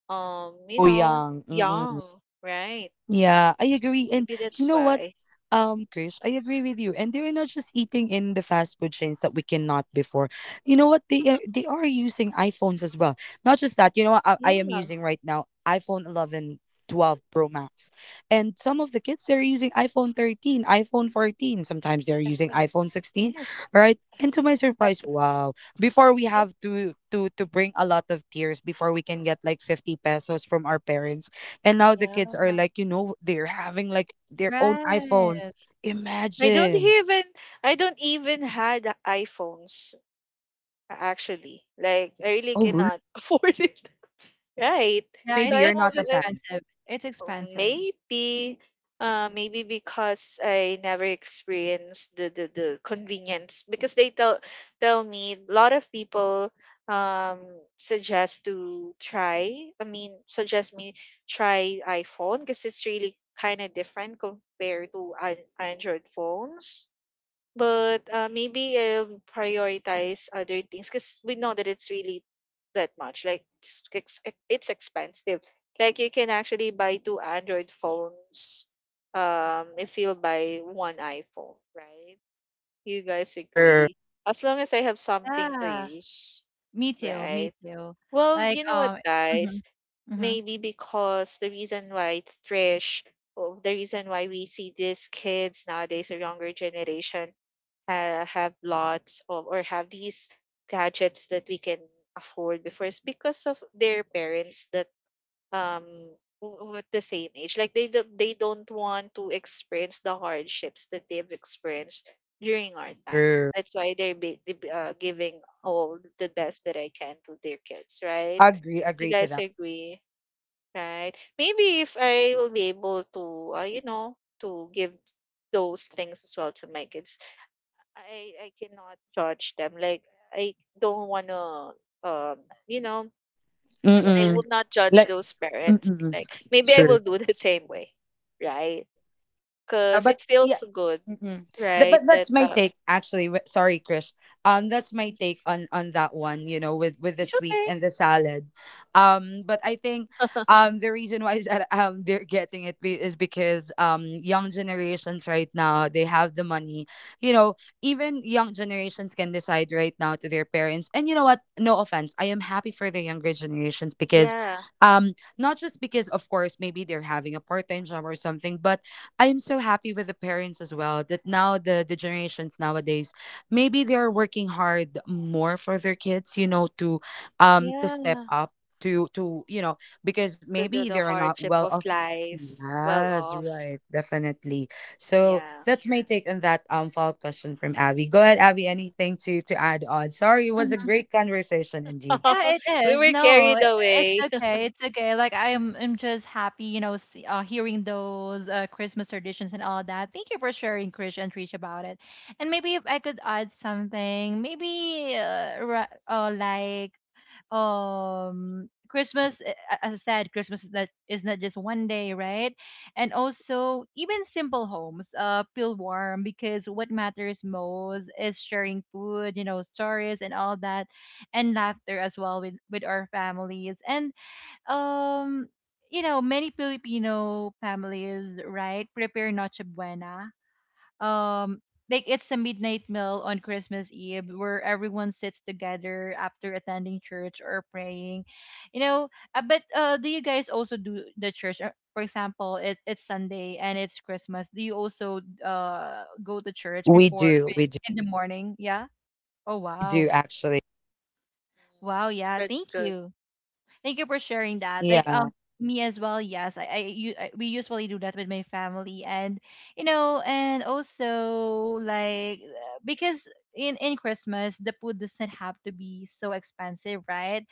[SPEAKER 3] you
[SPEAKER 2] So
[SPEAKER 3] know,
[SPEAKER 2] young.
[SPEAKER 3] young, right?
[SPEAKER 2] Yeah, I agree. And
[SPEAKER 3] Maybe
[SPEAKER 2] you
[SPEAKER 3] that's
[SPEAKER 2] know what,
[SPEAKER 3] why.
[SPEAKER 2] Krish, I agree with you. And they're not just eating in the fast food chains that we cannot before. You know what? They are using iPhones as well. Not just that. You know what? I
[SPEAKER 3] Yeah.
[SPEAKER 2] am using right now iPhone 11, 12 Pro Max, and some of the kids they're using iPhone 13, iPhone 14. Sometimes they're using
[SPEAKER 3] Defi-
[SPEAKER 2] iPhone 16.
[SPEAKER 3] Yes.
[SPEAKER 2] Right? And to my
[SPEAKER 3] Uh,
[SPEAKER 2] surprise, wow! Before we
[SPEAKER 3] and-
[SPEAKER 2] have to bring a lot of tears before we can get like 50 pesos from our parents, and now the kids are
[SPEAKER 3] yeah.
[SPEAKER 2] like, you know, they're having like their own iPhones.
[SPEAKER 1] right.
[SPEAKER 3] I don't
[SPEAKER 2] Imagine.
[SPEAKER 3] even I don't even had a- iPhones actually. Like I really
[SPEAKER 2] Oh, really?
[SPEAKER 3] cannot afford it. Right.
[SPEAKER 2] Oh,
[SPEAKER 1] Yeah,
[SPEAKER 3] So
[SPEAKER 2] maybe
[SPEAKER 1] it's
[SPEAKER 2] you're
[SPEAKER 3] I'm
[SPEAKER 1] it's
[SPEAKER 2] not
[SPEAKER 1] too
[SPEAKER 3] also
[SPEAKER 2] a
[SPEAKER 3] I'm
[SPEAKER 2] fan.
[SPEAKER 1] expensive. It's expensive.
[SPEAKER 3] maybe, maybe because I never experienced the convenience because they tell tell me a lot of people um suggest to try. I mean, suggest me try iPhone because it's really kind of different compared to an Android phones. But, maybe, prioritize other things because we know that it's really that much, like, it's ex e-, it's expensive. Like, you can actually buy 2 Android phones, if you'll buy 1 iPhone, right? You guys
[SPEAKER 2] True,
[SPEAKER 3] agree? As long as I have something to
[SPEAKER 1] Yeah.
[SPEAKER 3] use,
[SPEAKER 1] Me too, me
[SPEAKER 3] right?
[SPEAKER 1] too.
[SPEAKER 3] Well,
[SPEAKER 1] Like,
[SPEAKER 3] you know what,
[SPEAKER 1] um, mhm,
[SPEAKER 3] guys?
[SPEAKER 1] mhm,
[SPEAKER 3] Maybe because the reason why Trish, or the reason why we see these kids nowadays, or younger generation, have lots of or have these gadgets that we can afford before, it's because of their parents that um w- with the same age like they do, they don't want to experience the hardships that they've experienced during our time.
[SPEAKER 2] true.
[SPEAKER 3] That's why they're be, they be- giving all the best that I can to their kids, right?
[SPEAKER 2] Agree,
[SPEAKER 3] You
[SPEAKER 2] agree to
[SPEAKER 3] guys
[SPEAKER 2] that.
[SPEAKER 3] agree, right? Maybe if I will be able to you know, to give those things as well to my kids, I cannot judge them. Like I don't wanna um you know, I
[SPEAKER 2] Mm-mm.
[SPEAKER 3] would not judge
[SPEAKER 2] Like,
[SPEAKER 3] those parents.
[SPEAKER 2] mm-mm.
[SPEAKER 3] Like maybe I
[SPEAKER 2] True.
[SPEAKER 3] will do the same way, right?
[SPEAKER 2] You, yeah,
[SPEAKER 3] Cause
[SPEAKER 2] but
[SPEAKER 3] it feels
[SPEAKER 2] yeah,
[SPEAKER 3] good,
[SPEAKER 2] mm,
[SPEAKER 3] right?
[SPEAKER 2] but
[SPEAKER 3] That
[SPEAKER 2] that's my take actually. Sorry, Krish. That's my take on that one. You know, with the
[SPEAKER 3] it's
[SPEAKER 2] sweet
[SPEAKER 3] okay.
[SPEAKER 2] and the salad. But I think the reason why is that, um, they're is because, um, young generations right now, they have the money. You know, even young generations can decide right now to their parents. And you know what? No offense, I am happy for the younger generations because,
[SPEAKER 3] Yeah,
[SPEAKER 2] not just because of course maybe they're having a part time job or something, but I am so happy with the parents as well, that now the generations nowadays, maybe they are working hard more for their kids, you know, to
[SPEAKER 3] yeah.
[SPEAKER 2] step up, to you know, because maybe they
[SPEAKER 3] The
[SPEAKER 2] are not
[SPEAKER 3] hardship
[SPEAKER 2] well
[SPEAKER 3] of
[SPEAKER 2] off.
[SPEAKER 3] life, well
[SPEAKER 2] Yes,
[SPEAKER 3] off.
[SPEAKER 2] right, definitely. So
[SPEAKER 3] Yeah,
[SPEAKER 2] that's my take on that. Um, follow-up question from Abby. Go ahead, Abby, anything to add on? Sorry, it was a
[SPEAKER 1] mhm.
[SPEAKER 2] great conversation indeed.
[SPEAKER 1] Yeah, it
[SPEAKER 3] we
[SPEAKER 1] is.
[SPEAKER 3] were
[SPEAKER 1] No, I-
[SPEAKER 3] carried
[SPEAKER 1] It's
[SPEAKER 3] away.
[SPEAKER 1] okay. It's okay. Like, I'm just happy, hearing those Christmas traditions and all that. Thank you for sharing, Krish and Trish, about it. And maybe if I could add something, maybe, as I said, Christmas is not just one day, right? And also, even simple homes feel warm, because what matters most is sharing food, you know, stories and all that, and laughter as well with our families. And um you know Many Filipino families, right, prepare Noche Buena. um like it's a midnight meal on Christmas Eve, where everyone sits together after attending church or praying. You know, but do you guys also do the church? For example, it's Sunday and it's Christmas. Do you also go to church
[SPEAKER 2] we
[SPEAKER 1] before
[SPEAKER 2] do we do
[SPEAKER 1] in the morning? Yeah. Oh
[SPEAKER 2] we
[SPEAKER 1] wow.
[SPEAKER 2] do actually.
[SPEAKER 3] Mm,
[SPEAKER 1] Wow, yeah.
[SPEAKER 3] that's
[SPEAKER 1] Thank
[SPEAKER 3] good.
[SPEAKER 1] you. Thank you for sharing that.
[SPEAKER 2] Yeah,
[SPEAKER 1] Me as well. Yes, I we usually do that with my family. And you know, and also like, because in Christmas the food doesn't have to be so expensive, right?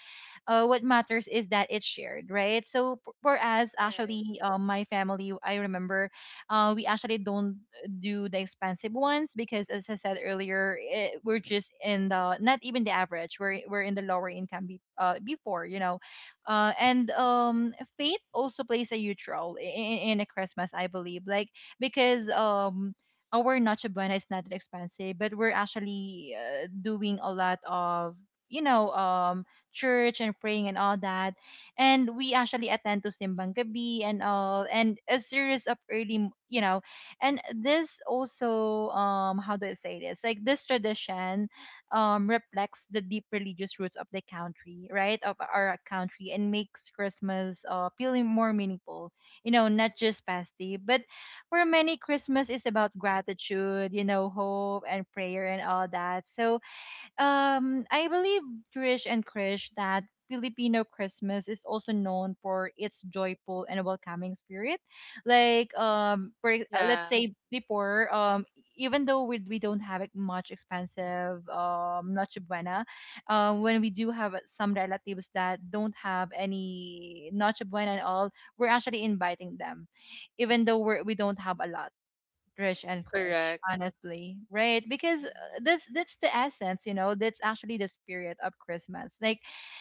[SPEAKER 1] What matters is that it's shared, right? So for us,
[SPEAKER 3] Yes.
[SPEAKER 1] actually, my family, I remember, we actually don't do the expensive ones, because, as I said earlier, we're just in the, not even the average. We're in the lower income before, you know. And faith also plays a huge role in a Christmas, I believe. Like, because. Our Noche Buena is not that expensive, but we're actually doing a lot of, you know, church and praying and all that. And we actually attend to Simbang Gabi and all, and a series of early, you know. And this also, how do I say this? Like, this tradition, reflects the deep religious roots of the country, right, of our country, and makes Christmas feeling more meaningful. You know, not just festive, but for many, Christmas is about gratitude, you know, hope and prayer and all that. So I believe, Trish and Krish, that Filipino Christmas is also known for its joyful and welcoming spirit. Let's
[SPEAKER 3] Yeah,
[SPEAKER 1] say, before even though we don't have, like, much expensive Noche Buena, when we do have some relatives that don't have any Noche Buena and all, we're actually inviting them, we don't have a lot, Rich and Krish,
[SPEAKER 3] correct.
[SPEAKER 1] honestly, right? Because
[SPEAKER 3] Mhm.
[SPEAKER 1] that's the essence, you know. That's actually the spirit of Christmas. Like,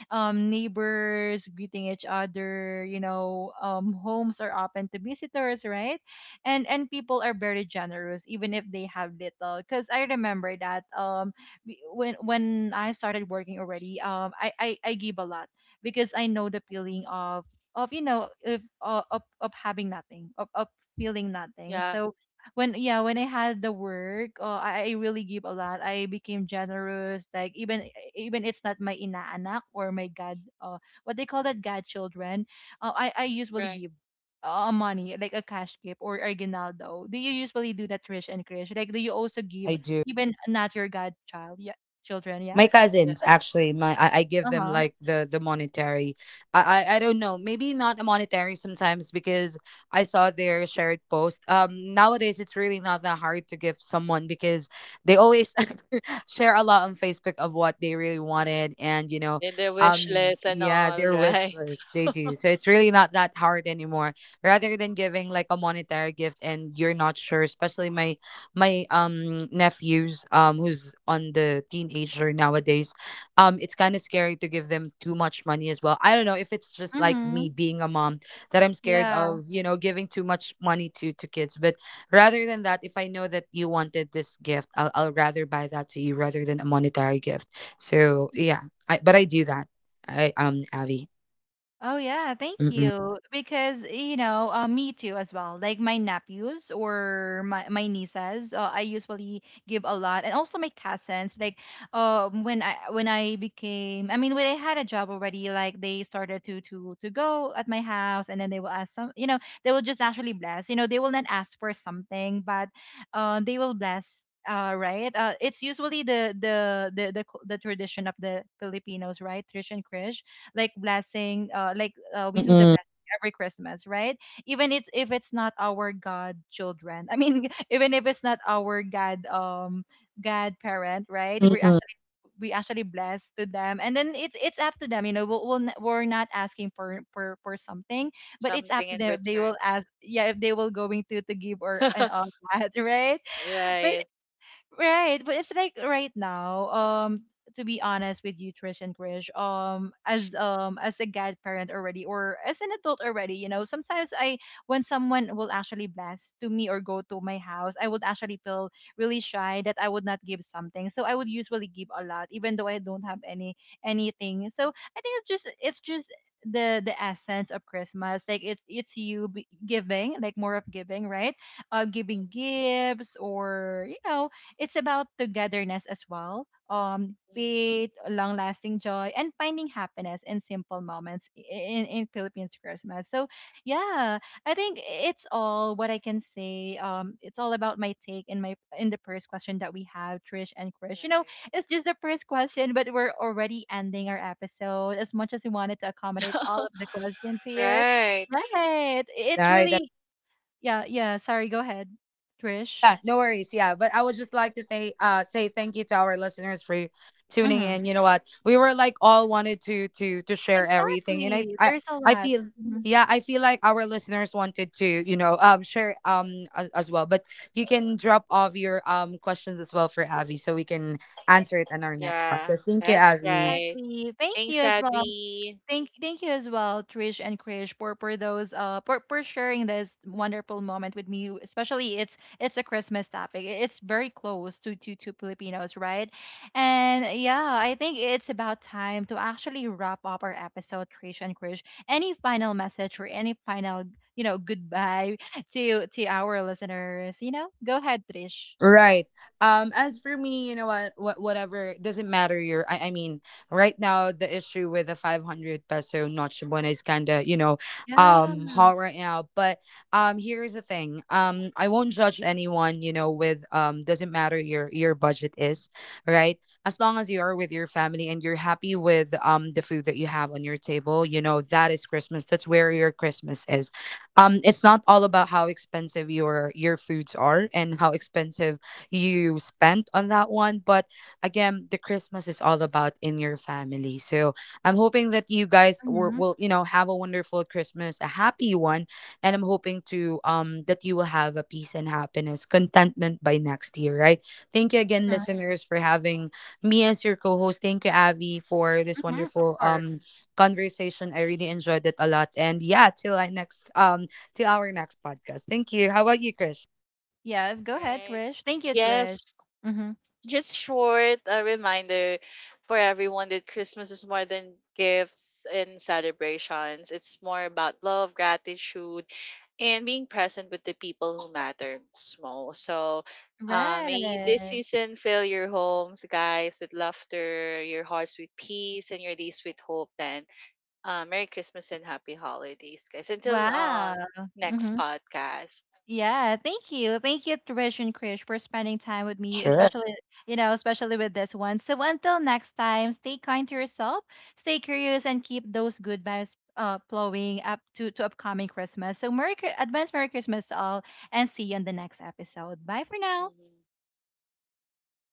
[SPEAKER 1] neighbors greeting each other, you know. Homes are open to visitors, right? And people are very generous, even if they have little. Cause I remember that, when I started working already, I give a lot, because I know the feeling of, you know, if of of having nothing, of feeling nothing.
[SPEAKER 3] Yeah,
[SPEAKER 1] So when, yeah, when I had the work, oh, I really give a lot. I became generous. Like, even even it's not my inaanak or my god, what they call that, godchildren, I usually
[SPEAKER 3] right.
[SPEAKER 1] give money, like a cash gift or aguinaldo. Do you usually do that, Trish and Krish? Like, do you also
[SPEAKER 2] I
[SPEAKER 1] give,
[SPEAKER 2] do.
[SPEAKER 1] even not your godchild? Yeah, children. Yeah.
[SPEAKER 2] My cousins, actually, my I give them
[SPEAKER 1] Uh-huh.
[SPEAKER 2] like the monetary, I, I don't know, maybe not a monetary sometimes, because I saw their shared post. Um, nowadays it's really not that hard to give someone, because they always share a lot on Facebook of what they really wanted, and you know,
[SPEAKER 3] In the wish
[SPEAKER 2] um,
[SPEAKER 3] list and
[SPEAKER 2] yeah,
[SPEAKER 3] all,
[SPEAKER 2] their wish
[SPEAKER 3] right?
[SPEAKER 2] list they do. So it's really not that hard anymore, rather than giving like a monetary gift and you're not sure. Especially my nephews, um, who's on the teenager nowadays. Um, it's kind of scary to give
[SPEAKER 3] Mhm.
[SPEAKER 2] them too much money as well. I don't know if it's just like
[SPEAKER 1] Mm-hmm.
[SPEAKER 2] me being a mom that I'm scared
[SPEAKER 1] Yeah.
[SPEAKER 2] of, you know, giving too much money to kids. But rather than that, if I know that you wanted this gift, I'll rather buy that to you rather than a monetary gift. So yeah, but I do that. I Avi.
[SPEAKER 1] Oh yeah, thank
[SPEAKER 2] Mm-mm.
[SPEAKER 1] you. Because you know, me too as well. Like, my nephews or my nieces, I usually give a lot, and also my cousins. Like, when I became, I mean, when I had a job already, like, they started to go at my house, and then they will ask some, you know, they will just actually bless. You know, they will not ask for something, but, they will bless. Right. It's usually the the tradition of the Filipinos, right? Tradition, Krish, like blessing, we do the
[SPEAKER 2] Mm-mm.
[SPEAKER 1] blessing every Christmas, right? Even it's, if it's not our god children, I mean, even if it's not our godparent, right, we
[SPEAKER 2] Mm-mm.
[SPEAKER 1] actually, we actually bless to them, and then it's up to them, you know. We'll we're not asking for, for something, but it's up
[SPEAKER 3] Something
[SPEAKER 1] to
[SPEAKER 3] in
[SPEAKER 1] them if they
[SPEAKER 3] return.
[SPEAKER 1] will ask. Yeah, if they will going to give, or an all that. Right? But
[SPEAKER 3] Right.
[SPEAKER 1] right, but it's like right now, to be honest with you, Trish and Krish, as a godparent already, or as an adult already, you know, sometimes I, when someone will actually bless to me or go to my house, I would actually feel really shy that I would not give something. So I would usually give a lot, even though I don't have any anything. So I think it's just, it's just the essence of Christmas. Like, it's giving, like, more of giving, right?
[SPEAKER 3] Mm-hmm.
[SPEAKER 1] Giving gifts, or, you know, it's about togetherness as well. Faith,
[SPEAKER 3] Mm-hmm.
[SPEAKER 1] long lasting joy, and finding happiness in simple moments in Philippines Christmas. So, yeah, I think it's all what I can say. It's all about my take in my in the first question that we have, Trish and Krish. You know,
[SPEAKER 3] Right.
[SPEAKER 1] it's just the first question, but we're already ending our episode. As much as we wanted to accommodate all of the questions here,
[SPEAKER 3] Right.
[SPEAKER 1] right? It's
[SPEAKER 2] I,
[SPEAKER 1] really, yeah, yeah. Sorry, go ahead, Trish.
[SPEAKER 2] yeah, no worries. Yeah, but I would just like to say thank you to our listeners for tuning
[SPEAKER 1] Mm-hmm.
[SPEAKER 2] in. You know what? We were like all wanted to share everything, and I
[SPEAKER 1] Exactly.
[SPEAKER 2] I
[SPEAKER 1] There's a
[SPEAKER 2] I
[SPEAKER 1] lot.
[SPEAKER 2] feel,
[SPEAKER 1] Mhm.
[SPEAKER 2] yeah, I feel like our listeners wanted to, you know, um, share um, as well. But you can drop off your questions as well for Avi, so we can answer it on our next
[SPEAKER 3] Yeah,
[SPEAKER 2] podcast. Thank you,
[SPEAKER 3] that's
[SPEAKER 2] Avi.
[SPEAKER 3] right.
[SPEAKER 1] Exactly. Thank you
[SPEAKER 3] Thanks,
[SPEAKER 1] as well.
[SPEAKER 3] Abby.
[SPEAKER 1] Thank you as well, Trish and Krish, for those for sharing this wonderful moment with me. Especially, it's a Christmas topic. It's very close to Filipinos, right? And yeah, I think it's about time to actually wrap up our episode, Trish and Krish. Any final message, or any final, you know, goodbye to our listeners, you know? Go ahead, Trish.
[SPEAKER 2] Right. As for me, you know what, whatever, doesn't matter your I mean, right now the issue with the 500 peso notch one is kinda, you know,
[SPEAKER 1] Yeah.
[SPEAKER 2] um, hot right now. But um, here's the thing. Um, I won't judge anyone, you know, with um, doesn't matter your budget is, right? As long as you are with your family and you're happy with the food that you have on your table, you know, that is Christmas. That's where your Christmas is. Um, it's not all about how expensive your foods are and how expensive you spent on that one. But again, the Christmas is all about in your family. So I'm hoping that you will, you know, have a wonderful Christmas, a happy one, and I'm hoping to, um, that you will have a peace and happiness, contentment by next year, right? Thank you again,
[SPEAKER 1] Mhm.
[SPEAKER 2] listeners, for having me as your co-host. Thank you, Avi, for this
[SPEAKER 1] Mhm, of
[SPEAKER 2] wonderful
[SPEAKER 1] course.
[SPEAKER 2] conversation. I really enjoyed it a lot, and yeah, till I next to our next podcast. Thank you. How about you, Krish?
[SPEAKER 1] Yeah, go ahead,
[SPEAKER 3] Right.
[SPEAKER 1] Trish. Thank you, Trish.
[SPEAKER 3] Yes,
[SPEAKER 1] Mhm.
[SPEAKER 3] just short a reminder for everyone that Christmas is more than gifts and celebrations. It's more about love, gratitude, and being present with the people who matters most. So may this
[SPEAKER 1] Right.
[SPEAKER 3] season fill your homes, guys, with laughter, your hearts with peace, and your days with hope. Then, Merry Christmas and Happy Holidays, guys. Until
[SPEAKER 1] Wow.
[SPEAKER 3] next
[SPEAKER 1] Mhm.
[SPEAKER 3] podcast.
[SPEAKER 1] Yeah, thank you. Thank you, Trish and Krish, for spending time with me, especially, you know, especially with this one. So until next time, stay kind to yourself, stay curious, and keep those good vibes flowing up to upcoming Christmas. So Merry, advance Merry Christmas to all, and see you on the next episode. Bye for now.
[SPEAKER 3] Mhm. All
[SPEAKER 2] Bye.
[SPEAKER 3] right.